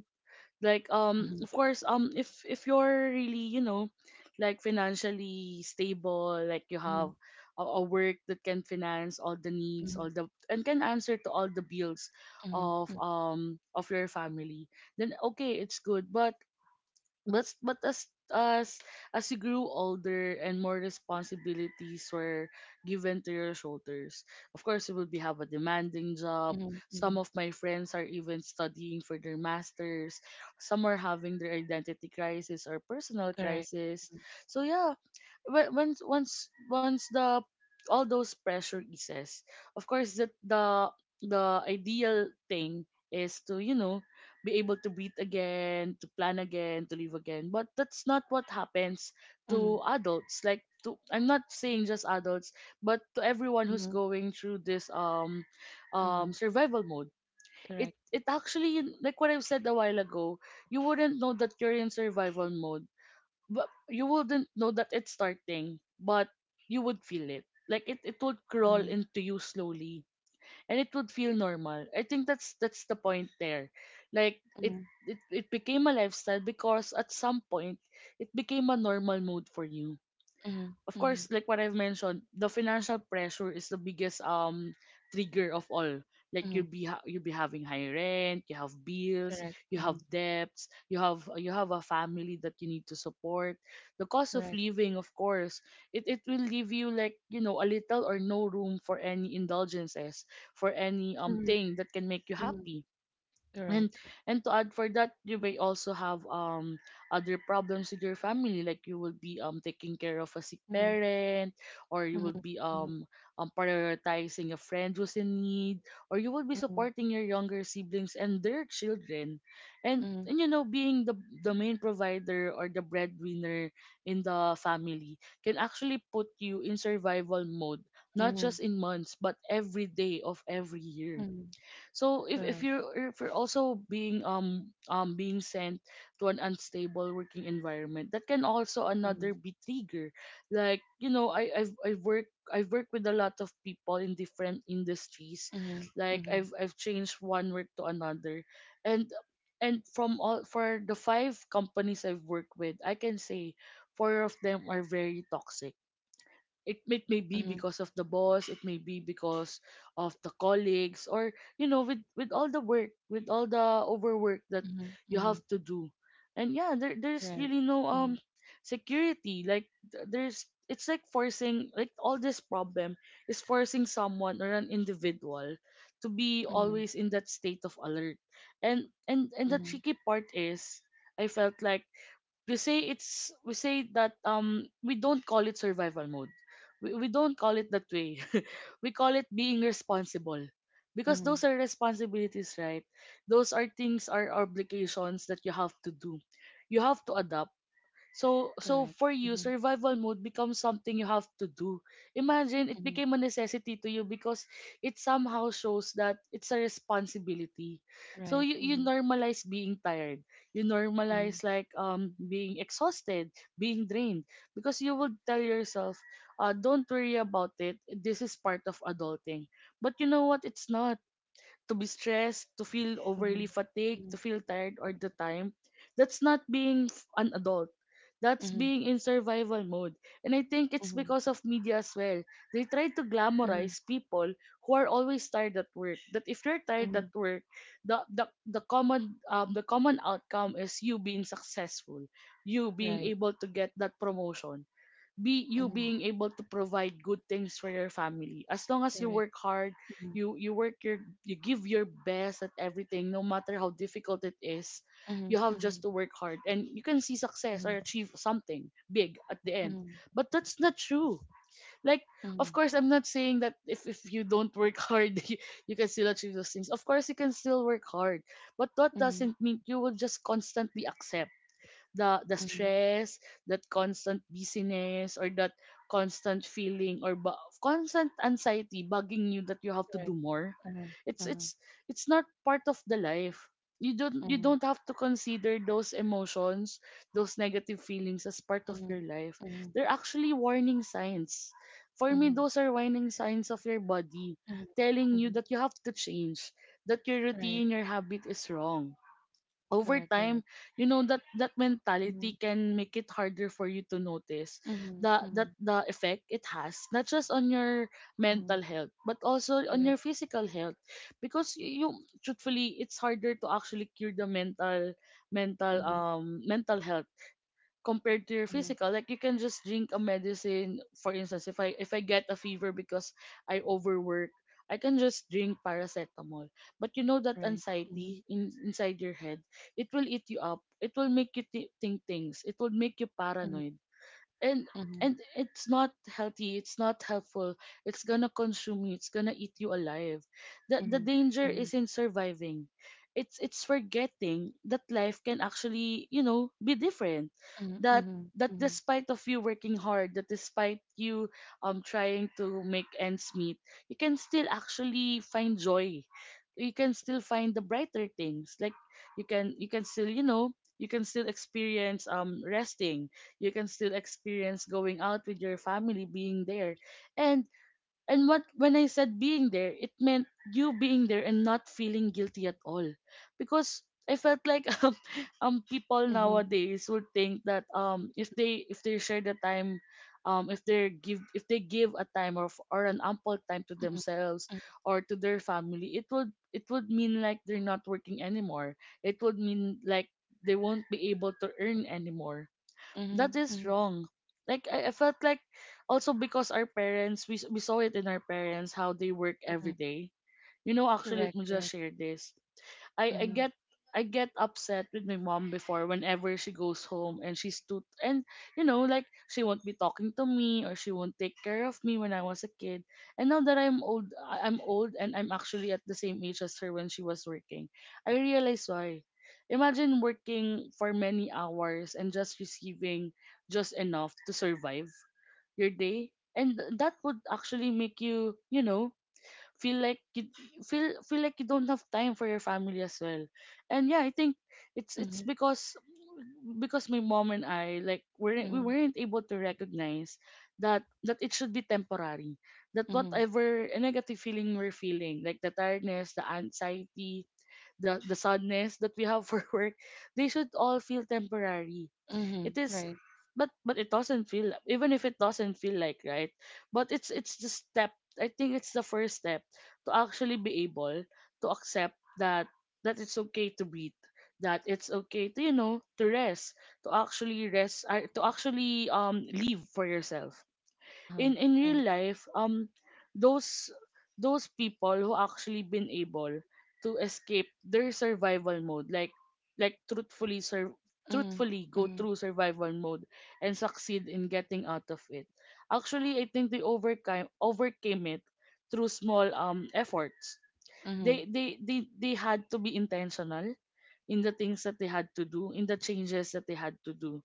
Like mhm, of course if you're really, you know, like financially stable, like you mhm, have a work that can finance all the needs, mhm, all the and can answer to all the bills mhm, mhm, of your family, then okay, it's good. But but as you grew older and more responsibilities were given to your shoulders, of course you will be have a demanding job. mhm, mhm. Some of my friends are even studying for their masters, some are having their identity crisis or personal Correct. crisis, so yeah. When- once once once the, all those pressure eases, of course that the ideal thing is to, you know, be able to breathe again, to plan again, to live again. But that's not what happens to Mhm, adults. Like to, I'm not saying just adults, but to everyone who's mhm, going through this mhm. survival mode. It Correct. it actually, like what I've said a while ago, you wouldn't know that you're in survival mode, but you wouldn't know that it's starting, but you would feel it. Like it would crawl Mhm, into you slowly, and it would feel normal. I think that's the point there. Like it mhm, it became a lifestyle because at some point it became a normal mood for you. mhm, Of course, mhm, like what I've mentioned, the financial pressure is the biggest trigger of all. Like you'll mhm. be ha- you'll be having high rent, you have bills, Correct. you have Mhm. debts, you have a family that you need to support. The cost of Correct. living, of course, it will leave you like, you know, a little or no room for any indulgences, for any Mhm, thing that can make you mhm. happy. and Correct. and to add for that, you may also have other problems with your family, like you will be taking care of a sick Mhm, parent, or you mhm, will be mhm, prioritizing a friend who's in need, or you will be mhm, supporting your younger siblings and their children. and mhm, mhm, and you know, being the main provider or the breadwinner in the family can actually put you in survival mode, not mhm. just in months but every day of every year. So if Correct. you're also being being sent to an unstable working environment, that can also Mhm, another be trigger. Like, you know, I've worked, I've worked with a lot of people in different industries. mhm, Like mhm, I've changed one work to another. And and from all for the five companies I've worked with, I can say four of them are very toxic. It may be mhm, because of the boss, it may be because of the colleagues, or, you know, with all the work, with all the overwork that mhm, you mhm. have to do. And yeah, there's Right. really no Mhm, security, like th- there's it's like forcing, like all this problem is forcing someone or an individual to be mhm, always in that state of alert. And and the mhm, tricky part is, I felt like we say that we don't call it survival mode. We don't call it that way. We call it being responsible, because mhm. those are responsibilities, right? Those are things are obligations that you have to do, you have to adapt. So Correct. for you, Mhm. survival mode becomes something you have to do. Imagine it Mhm. became a necessity to you because it somehow shows that it's a responsibility. So Right. you Mhm. normalize being tired. You Mhm. normalize like being exhausted, being drained. Because you would tell yourself, don't worry about it. This is part of adulting. But you know what? It's not. To be stressed, to feel overly Mhm. fatigued, to Mhm. feel tired all the time, that's not being f- an adult. That's Mhm. being in survival mode. And I think it's Mhm. because of media as well. They try to Mhm. glamorize people who are always tired at work. That if you're tired at Mhm. work, the common outcome is you being successful, you being Right. able to get that promotion, be you Mhm. being able to provide good things for your family, as long as you Correct. work hard, Mhm. you you work your you give your best at everything no matter how difficult it is. You Mhm. have Mhm. just to work hard and you can see success Mhm. or achieve something big at the end. Mhm. But that's not true. Like, Mhm. of course, I'm not saying that if you don't work hard you can still achieve those things. Of course you can still work hard, but that Mhm. doesn't mean you will just constantly accept the Mhm. stress, that constant busyness, or that constant feeling or ba- constant anxiety bugging you that you have to Correct. do more. Uh-huh. It's Uh-huh. it's it's not part of the life. You Mhm. don't have to consider those emotions, those negative feelings as part Uh, of uh, your life. Uh They're actually warning signs. For huh, me, those are warning signs of your body huh. huh. Uh huh. Uh huh. telling Uh you that huh. you have to change, that your Right. routine, your habit is wrong. Over Correct. Correct. time, you know that that Mhm. mentality can make it harder for you to notice Mhm. the that Mhm. the effect it has, not just on your Mhm. mental health but also on your Correct. physical health. Because you, truthfully, it's harder to actually cure the Mhm. Mental health compared to your Mhm. physical. Like you can just drink a medicine, for instance, if I get a fever because I overwork, I can just drink paracetamol. But you know that Right. Mhm. anxiety inside your head, it will eat you up, it will think things, it will make you Mhm. paranoid. and Mhm. and it's not healthy, it's not helpful. It's gonna consume you, it's gonna eat you alive. The Mhm. danger Mhm. is in surviving. It's forgetting that life can actually, you know, be different, that Mhm. Mhm. despite of you working hard, that despite you trying to make ends meet, you can still actually find joy. You can still find the brighter things. Like you can still, you know, you can still experience resting. You can still experience going out with your family, being there. and and what, when I said being there, it meant you being there and not feeling guilty at all. Because I felt like people Mhm. Mhm. nowadays would think that if they share the time, if they give a time or an ample time to Mhm. themselves Mhm. or to their family, it would, it would mean like they're not working anymore, it would mean like they won't be able to earn anymore. Mhm. That is Mhm. wrong. Like I felt like, also because our parents, we saw it in our parents how they work Mhm. every day. You know, actually, Correct, let me correct. just share this. I I Mm-hmm. get I get upset with my mom before whenever she goes home and she's too, and, you know, like she won't be talking to me, or she won't take care of me when I was a kid. And now that I'm old, I'm old and I'm actually at the same age as her when she was working. I realize why. Imagine working for many hours and just receiving just enough to survive your day. And that would actually make you, you know, feel like you feel like you don't have time for your family as well. And yeah, I think it's Mm-hmm. because my mom and I, like weren't we Mm-hmm. weren't able to recognize that it should be temporary, that Mm-hmm. whatever negative feeling we're feeling, like the tiredness, the anxiety, the sadness that we have for work, they should all feel temporary. Mm-hmm. It is, Right. But it doesn't feel even if it doesn't feel like right, but it's the step, I think it's the first step to actually be able to accept that it's okay to breathe, that it's okay to, you know, to rest, to actually rest, to actually live for yourself, Uh-huh. in real Right. life. Those those people who actually been able to escape their survival mode, like like truthfully sur- Mm-hmm. truthfully go Mm-hmm. through survival mode and succeed in getting out of it, actually I think they overcame it through small efforts. Mm-hmm. They they had to be intentional in the things that they had to do, in the changes that they had to do.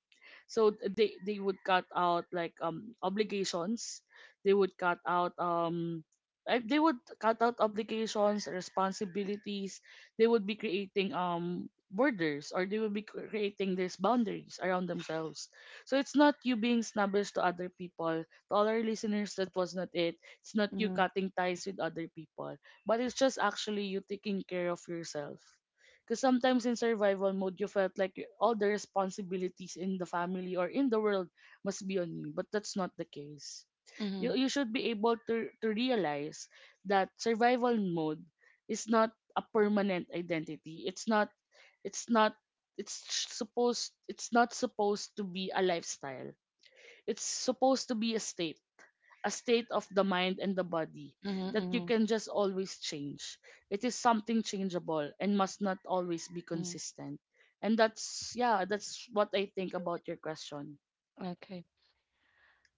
So they would cut out like obligations. They would cut out they would cut out obligations, responsibilities. They would be creating borders, or they would be creating these boundaries around themselves. So it's not you being snobbish to other people. To all our listeners, that was not it. It's not you Mm-hmm. cutting ties with other people, but it's just actually you taking care of yourself because sometimes in survival mode, you felt like all the responsibilities in the family or in the world must be on you, but that's not the case. You Mm-hmm. you should be able to realize that survival mode is not a permanent identity. It's not it's it's not supposed to be a lifestyle. It's supposed to be a state of the mind and the body that Mm-hmm. you Mm-hmm. can just always change. It is something changeable and must not always be Mm-hmm. consistent. And that's what I think about your question. Okay.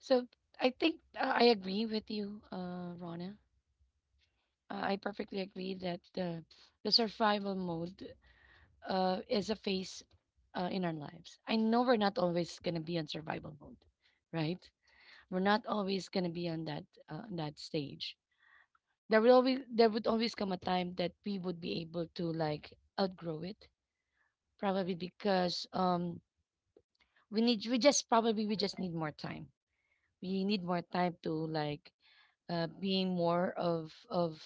So I think I agree with you, Rona. I perfectly agree that the survival mode is a phase in our lives. I know we're not always gonna be on survival mode, right? We're not always gonna be on that that stage. There would always come a time that we would be able to like outgrow it, probably because we just need more time. We need more time to like being more of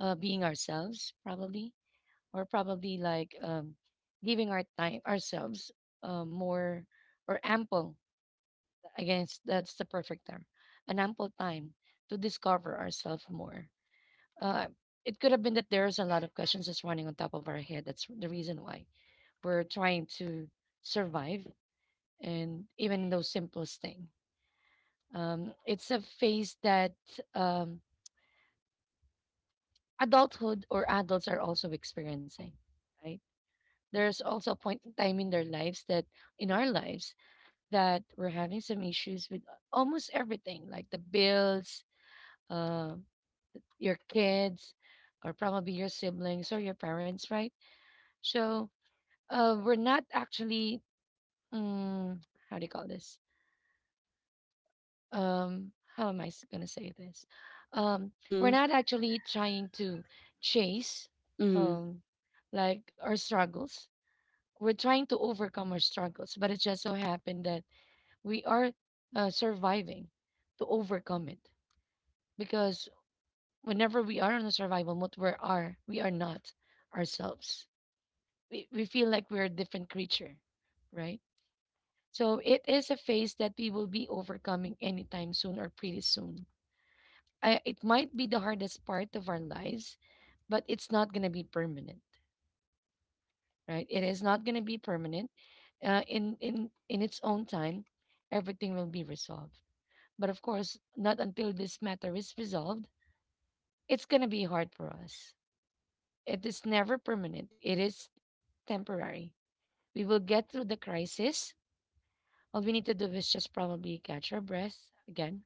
being ourselves probably, or probably like giving our time ourselves more or ample. I guess that's the perfect term, an ample time to discover ourselves more. Uh, it could have been that there's a lot of questions that's running on top of our head. That's the reason why we're trying to survive, and even in those simplest thing. It's a phase that um, adulthood or adults are also experiencing, right? There's also a point in time in their lives that, in our lives, that we're having some issues with almost everything, like the bills, uh, your kids, or probably your siblings or your parents, right? So we're not actually um, how do you call this, how am I s- gonna say this um we're Mhm. not actually trying to chase Mhm. um like our struggles. We're trying to overcome our struggles, but it just so happened that we are surviving to overcome it, because whenever we are on a survival mode we are not ourselves. We feel like we're a different creature, right? So it is a phase that we will be overcoming anytime soon or pretty soon. I, it might be the hardest part of our lives, but it's not going to be permanent, right? It is not going to be permanent. In its own time, everything will be resolved. But of course, not until this matter is resolved, it's going to be hard for us. It is never permanent. It is temporary. We will get through the crisis. All we need to do is just probably catch our breath again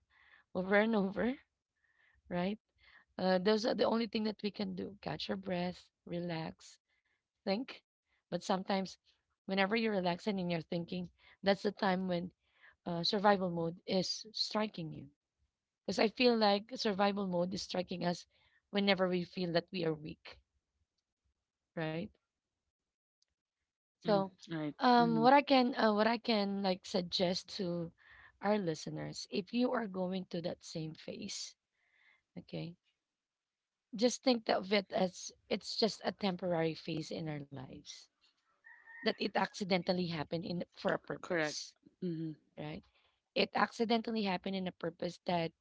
over and over, right? Those are the only thing that we can do. Catch your breath, relax, think. But sometimes, whenever you're relaxing and you're thinking, that's the time when survival mode is striking you. Because I feel like survival mode is striking us whenever we feel that we are weak, right? Mhm. So, Right. Mhm. What I can like suggest to our listeners, if you are going to that same phase, okay, just think of it as it's just a temporary phase in our lives that it accidentally happened in for a Correct. purpose, Mhm. right? It accidentally happened in a purpose that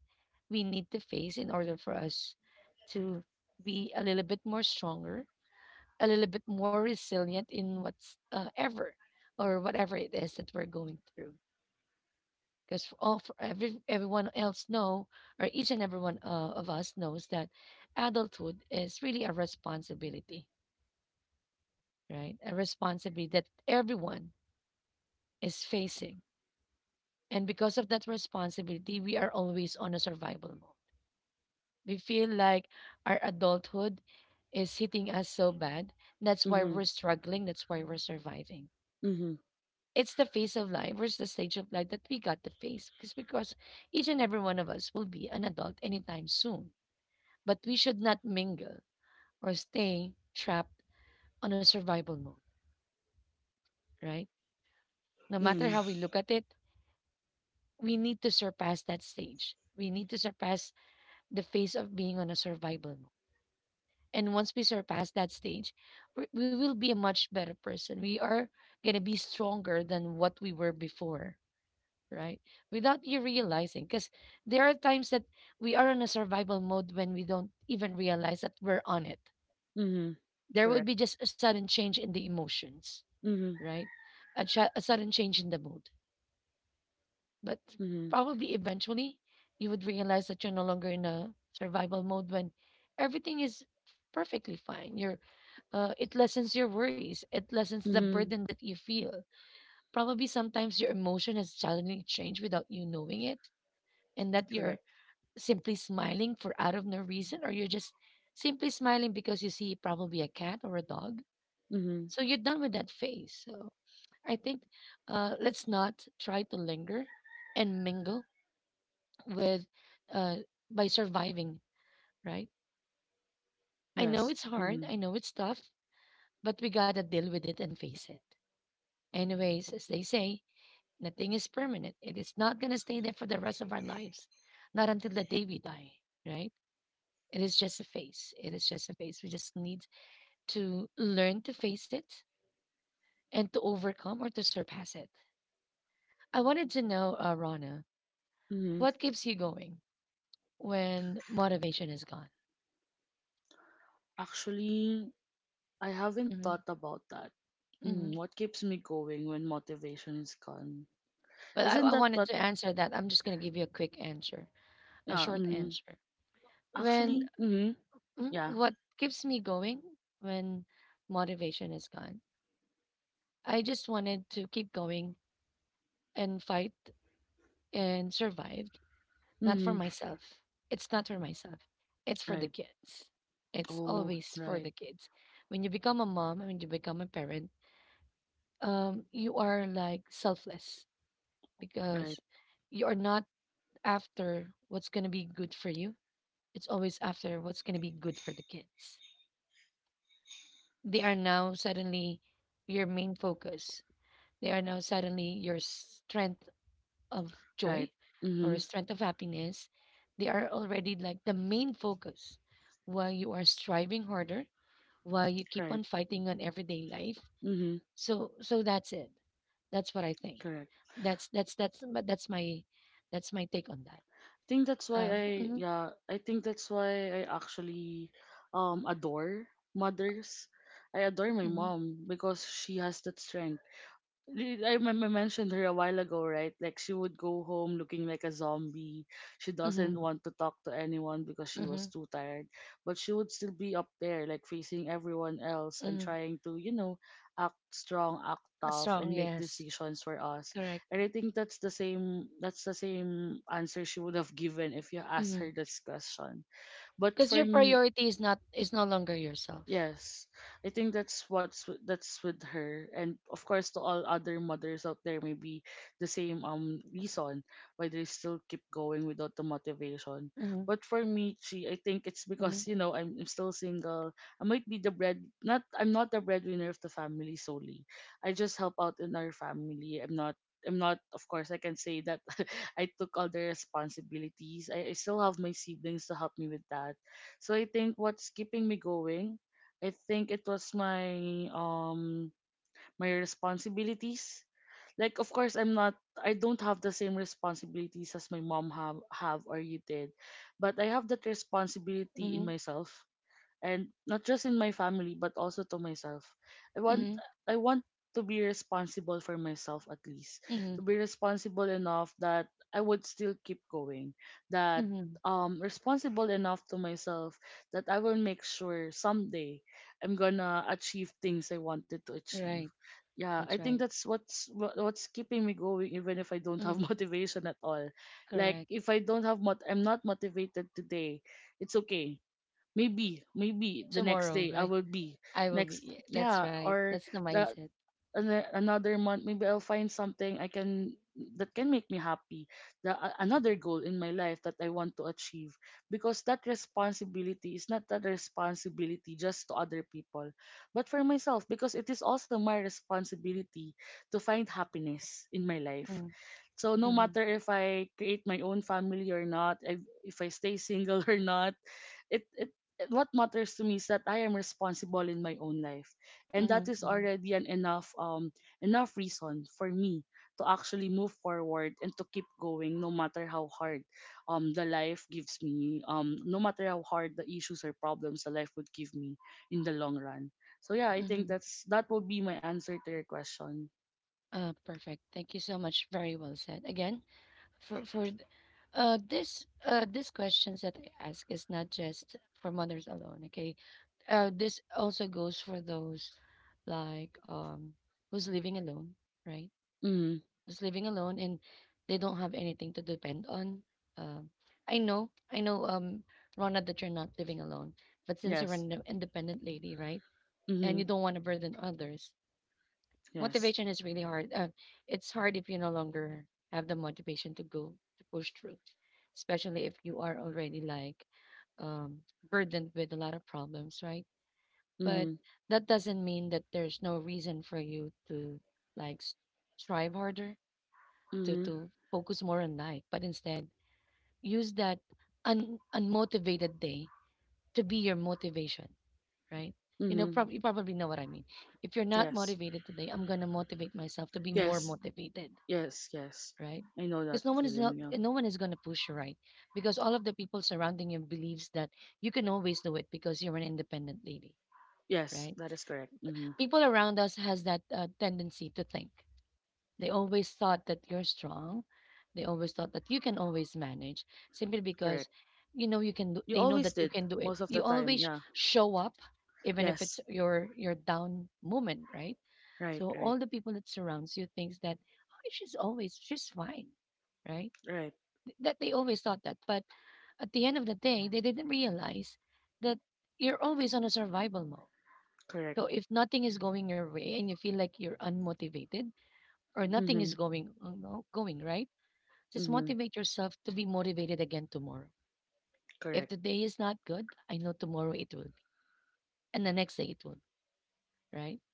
we need to face in order for us to be a little bit more stronger, a little bit more resilient in what's ever or whatever it is that we're going through. Because for everyone else know, or each and every one of us knows that adulthood is really a responsibility, right? A responsibility that everyone is facing. And because of that responsibility, we are always on a survival mode. We feel like our adulthood is hitting us so bad. That's why Mhm. we're struggling. That's why we're surviving. Mhm. It's the phase of life. It's the stage of life that we got to face because each and every one of us will be an adult anytime soon. But we should not mingle or stay trapped on a survival mode, right? No matter Mhm. how we look at it, we need to surpass that stage. We need to surpass the phase of being on a survival mode. And once we surpass that stage, we will be a much better person. We are going to be stronger than what we were before, right? Without you realizing, because there are times that we are on a survival mode when we don't even realize that we're on it. Mhm. There Correct. would be just a sudden change in the emotions, Mhm. right? A a sudden change in the mood. But Mhm. probably eventually you would realize that you're no longer in a survival mode when everything is perfectly fine. You're it lessens your worries. It lessens the Mhm. burden that you feel. Probably sometimes your emotion has suddenly changed without you knowing it, and that Correct. you're simply smiling for out of no reason, or you're just simply smiling because you see probably a cat or a dog. Mhm. So you're done with that phase. So I think let's not try to linger and mingle with uh by surviving, right? I Yes. know it's hard, Mhm. I know it's tough, but we gotta deal with it and face it. Anyways, as they say, nothing is permanent. It is not gonna stay there for the rest of our lives. Not until the day we die, right? It is just a phase. It is just a phase. We just need to learn to face it and to overcome or to surpass it. I wanted to know, Rana, Mhm. what keeps you going when motivation is gone? Actually, I haven't thought Mm-hmm. about that. Mm, Mm-hmm. what keeps me going when motivation is gone? But Isn't I, that I what? wanted to answer that. I'm just going to give you a quick answer, a Yeah. short Mm, answer. When actually. Mm, yeah. what keeps me going when motivation is gone? I just wanted to keep going and fight and survive, not Mm, for myself. It's not for myself. It's for right. the kids. It's Oh. always for Right. the kids. When you become a mom, when you become a parent, you are like selfless Right. because you are not after what's going to be good for you. It's always after what's going to be good for the kids. They are now suddenly your main focus. They are now suddenly your strength of Right. joy Mm, or strength of happiness. They are already like the main focus while you are striving harder, while you keep right. on fighting on everyday life. Mm, So that's it. That's what I think. correct. That's but that's my take on that. I think that's why I. Um, mhm, Yeah. I think that's why I actually adore mothers. I adore my mhm, mom because she has that strength I remember I mentioned her a while ago, right? Like she would go home looking like a zombie. She doesn't mhm, want to talk to anyone because she was mhm, too tired. But she would still be up there, like facing everyone else and mhm. trying to, you know, act strong, act A tough, and song, make yes, decisions for us. correct. And I think that's the same. That's the same answer she would have given if you asked her Mm-hmm. this question. But Cause for your me, priority is no longer yourself. yes, I think that's that's with her, and of course, to all other mothers out there, maybe the same reason why they still keep going without the motivation. Mhm, But for me, I think it's because you mhm, know I'm still single. I might be the bread not I'm not the breadwinner of the family solely. I just help out in our family. I'm not, of course, I can say that I took all the responsibilities. I still have my siblings to help me with that. So I think what's keeping me going, I think it was my my responsibilities. Like of course I don't have the same responsibilities as my mom have or you did, but I have that responsibility in mhm, myself and not just in my family but also to myself. i want mhm, i want to be responsible for myself, at least to mhm, be responsible enough that I would still keep going, that mhm. Responsible enough to myself that I will make sure someday I'm gonna achieve things I wanted to achieve. Right. Yeah, I That's think right. that's what's keeping me going even if I don't have Mhm, motivation at all. Like correct. if I don't have mot I'm not motivated today, it's okay. Maybe the next day Tomorrow, I will right? be I will next. be yeah, Yeah, that's right. or That's the the mindset. Another month maybe I'll find something I can that can make me happy, another goal in my life that I want to achieve, because that responsibility is not that responsibility just to other people but for myself, because it is also my responsibility to find happiness in my life. Mhm, So no matter mhm, if I create my own family or not, if I stay single or not, it, it what matters to me is that I am responsible in my own life, and that is mhm, mhm, already an enough reason for me to actually move forward and to keep going no matter how hard the life gives me, no matter how hard the issues or problems the life would give me in the long run. So yeah, I think mhm. that's, that would be my answer to your question. Perfect. Thank you so much. Very well said. Again, for this questions that I ask is not just for mothers alone, okay? This also goes for those like who's living alone, right? Mm. Who's living alone and they don't have anything to depend on. Um, I know, Rona, that you're not living alone, but since Yes. you're an independent lady, right, Mm. and you don't want to burden others, Yes. motivation is really hard. It's hard if you no longer have the motivation to go to push through, especially if you are already like um burdened with a lot of problems, right? Mm. But that doesn't mean that there's no reason for you to like s- strive harder Mm. To focus more on life, but instead use that unmotivated day to be your motivation, right? You know, Mm. You probably know what I mean. If you're not Yes. motivated today, I'm going to motivate myself to be Yes. more motivated, Yes. Yes. right? I know that Because feeling. Yeah. No one is going to push you, right? Because all of the people surrounding you believes that you can always do it because you're an independent lady, Yes, that right? is correct. Mm. People around us has that tendency to think. They always thought that you're strong. They always thought that you can always manage, simply Correct. because you know you can You do, they always know did that you can do most of it, the you time. Yeah. always show up, even if Yes. it's your down moment, right? Right. So Right. all the people that surrounds you thinks that, oh, she's fine, right? Right. That they always thought that, but at the end of the day they didn't realize that you're always on a survival mode. Correct. So if nothing is going your way and you feel like you're unmotivated, or nothing Mhm. is going going right, just Mhm. motivate yourself to be motivated again tomorrow. Correct. If the day is not good, I know tomorrow it will be, and the next day it will be, right?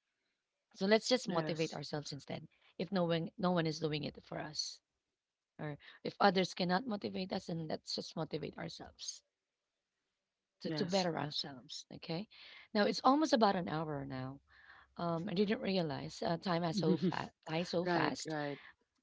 So let's just Yes. motivate ourselves instead. If no one is doing it for us, or if others cannot motivate us, then let's just motivate ourselves to Yes. better ourselves. Okay. Now it's almost about an hour now. I didn't realize time has flies so Right. fast. Right.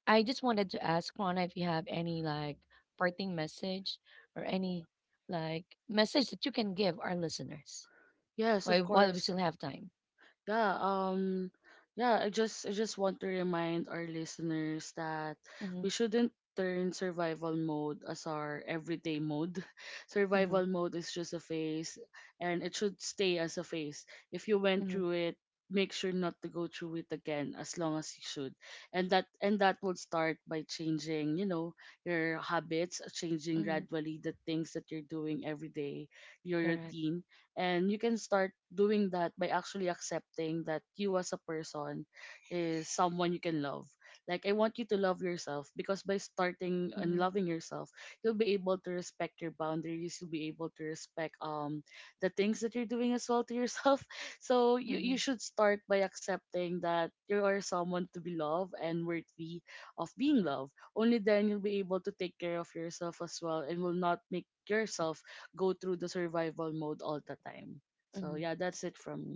I just wanted to ask Rana if you have any like parting message or any like message that you can give our listeners Yes. Of while course. we still have time. Yeah, yeah, I just want to remind our listeners that we Mm-hmm, shouldn't turn survival mode as our everyday mode. Survival mm-hmm, mode is just a phase and it should stay as a phase. If you went through mm-hmm, it, make sure not to go through it again as long as you should. And that would start by changing, you know, your habits, changing mm-hmm, gradually the things that you're doing every day, your correct. routine, and you can start doing that by actually accepting that you as a person is someone you can love. Like I want you to love yourself, because by starting and Mm-hmm, loving yourself you'll be able to respect your boundaries, you'll be able to respect the things that you're doing as well to yourself, so you mm-hmm, should start by accepting that you are someone to be loved and worthy of being loved. Only then you'll be able to take care of yourself as well and will not make yourself go through the survival mode all the time. So yeah, mm-hmm. that's it from me.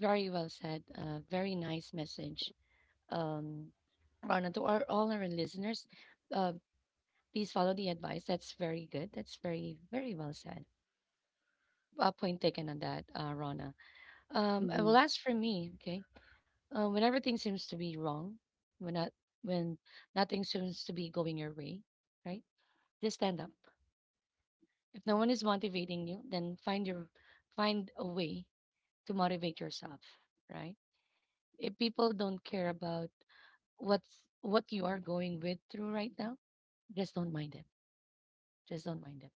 Very well said. Very nice message, um, Rana, to our, all our listeners. Uh, Please follow the advice. That's very good. That's very very well said. A point taken on that, Rana. Mhm. Well, as for me, okay. When everything seems to be wrong, when not, when nothing seems to be going your way, right? Just stand up. If no one is motivating you, then find a way to motivate yourself, right? If people don't care about what you are going with through right now, just don't mind it. Just don't mind it.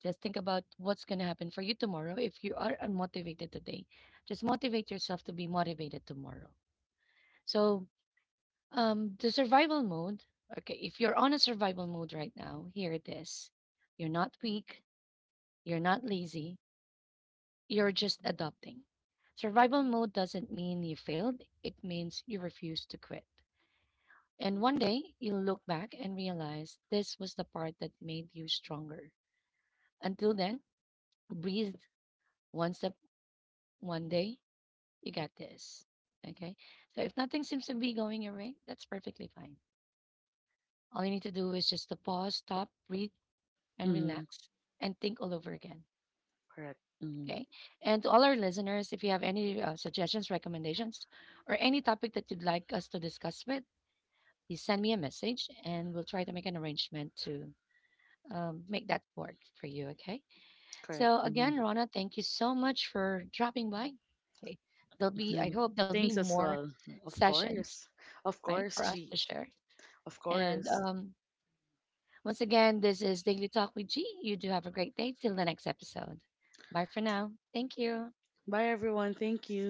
Just think about what's gonna happen for you tomorrow. If you are unmotivated today, just motivate yourself to be motivated tomorrow. So the survival mode. Okay, if you're on a survival mode right now, hear this. You're not weak, you're not lazy, you're just adopting. Survival mode doesn't mean you failed, it means you refuse to quit. And one day, you'll look back and realize this was the part that made you stronger. Until then, breathe, one step, one day, you got this. Okay? So if nothing seems to be going your way, that's perfectly fine. All you need to do is just to pause, stop, breathe, and Mhm. relax and think all over again. Correct. Mhm. Okay. And to all our listeners, if you have any suggestions, recommendations, or any topic that you'd like us to discuss with, please send me a message and we'll try to make an arrangement to make that work for you. Okay. Correct. So, Mhm. again, Rana, thank you so much for dropping by. Okay. There'll be, I hope there'll Thanks be as more well. Of course. sessions, Of course, right, for she. us to share. Of course. And once again, this is Daily Talk with G. You do have a great day. Till the next episode. Bye for now. Thank you. Bye everyone. Thank you.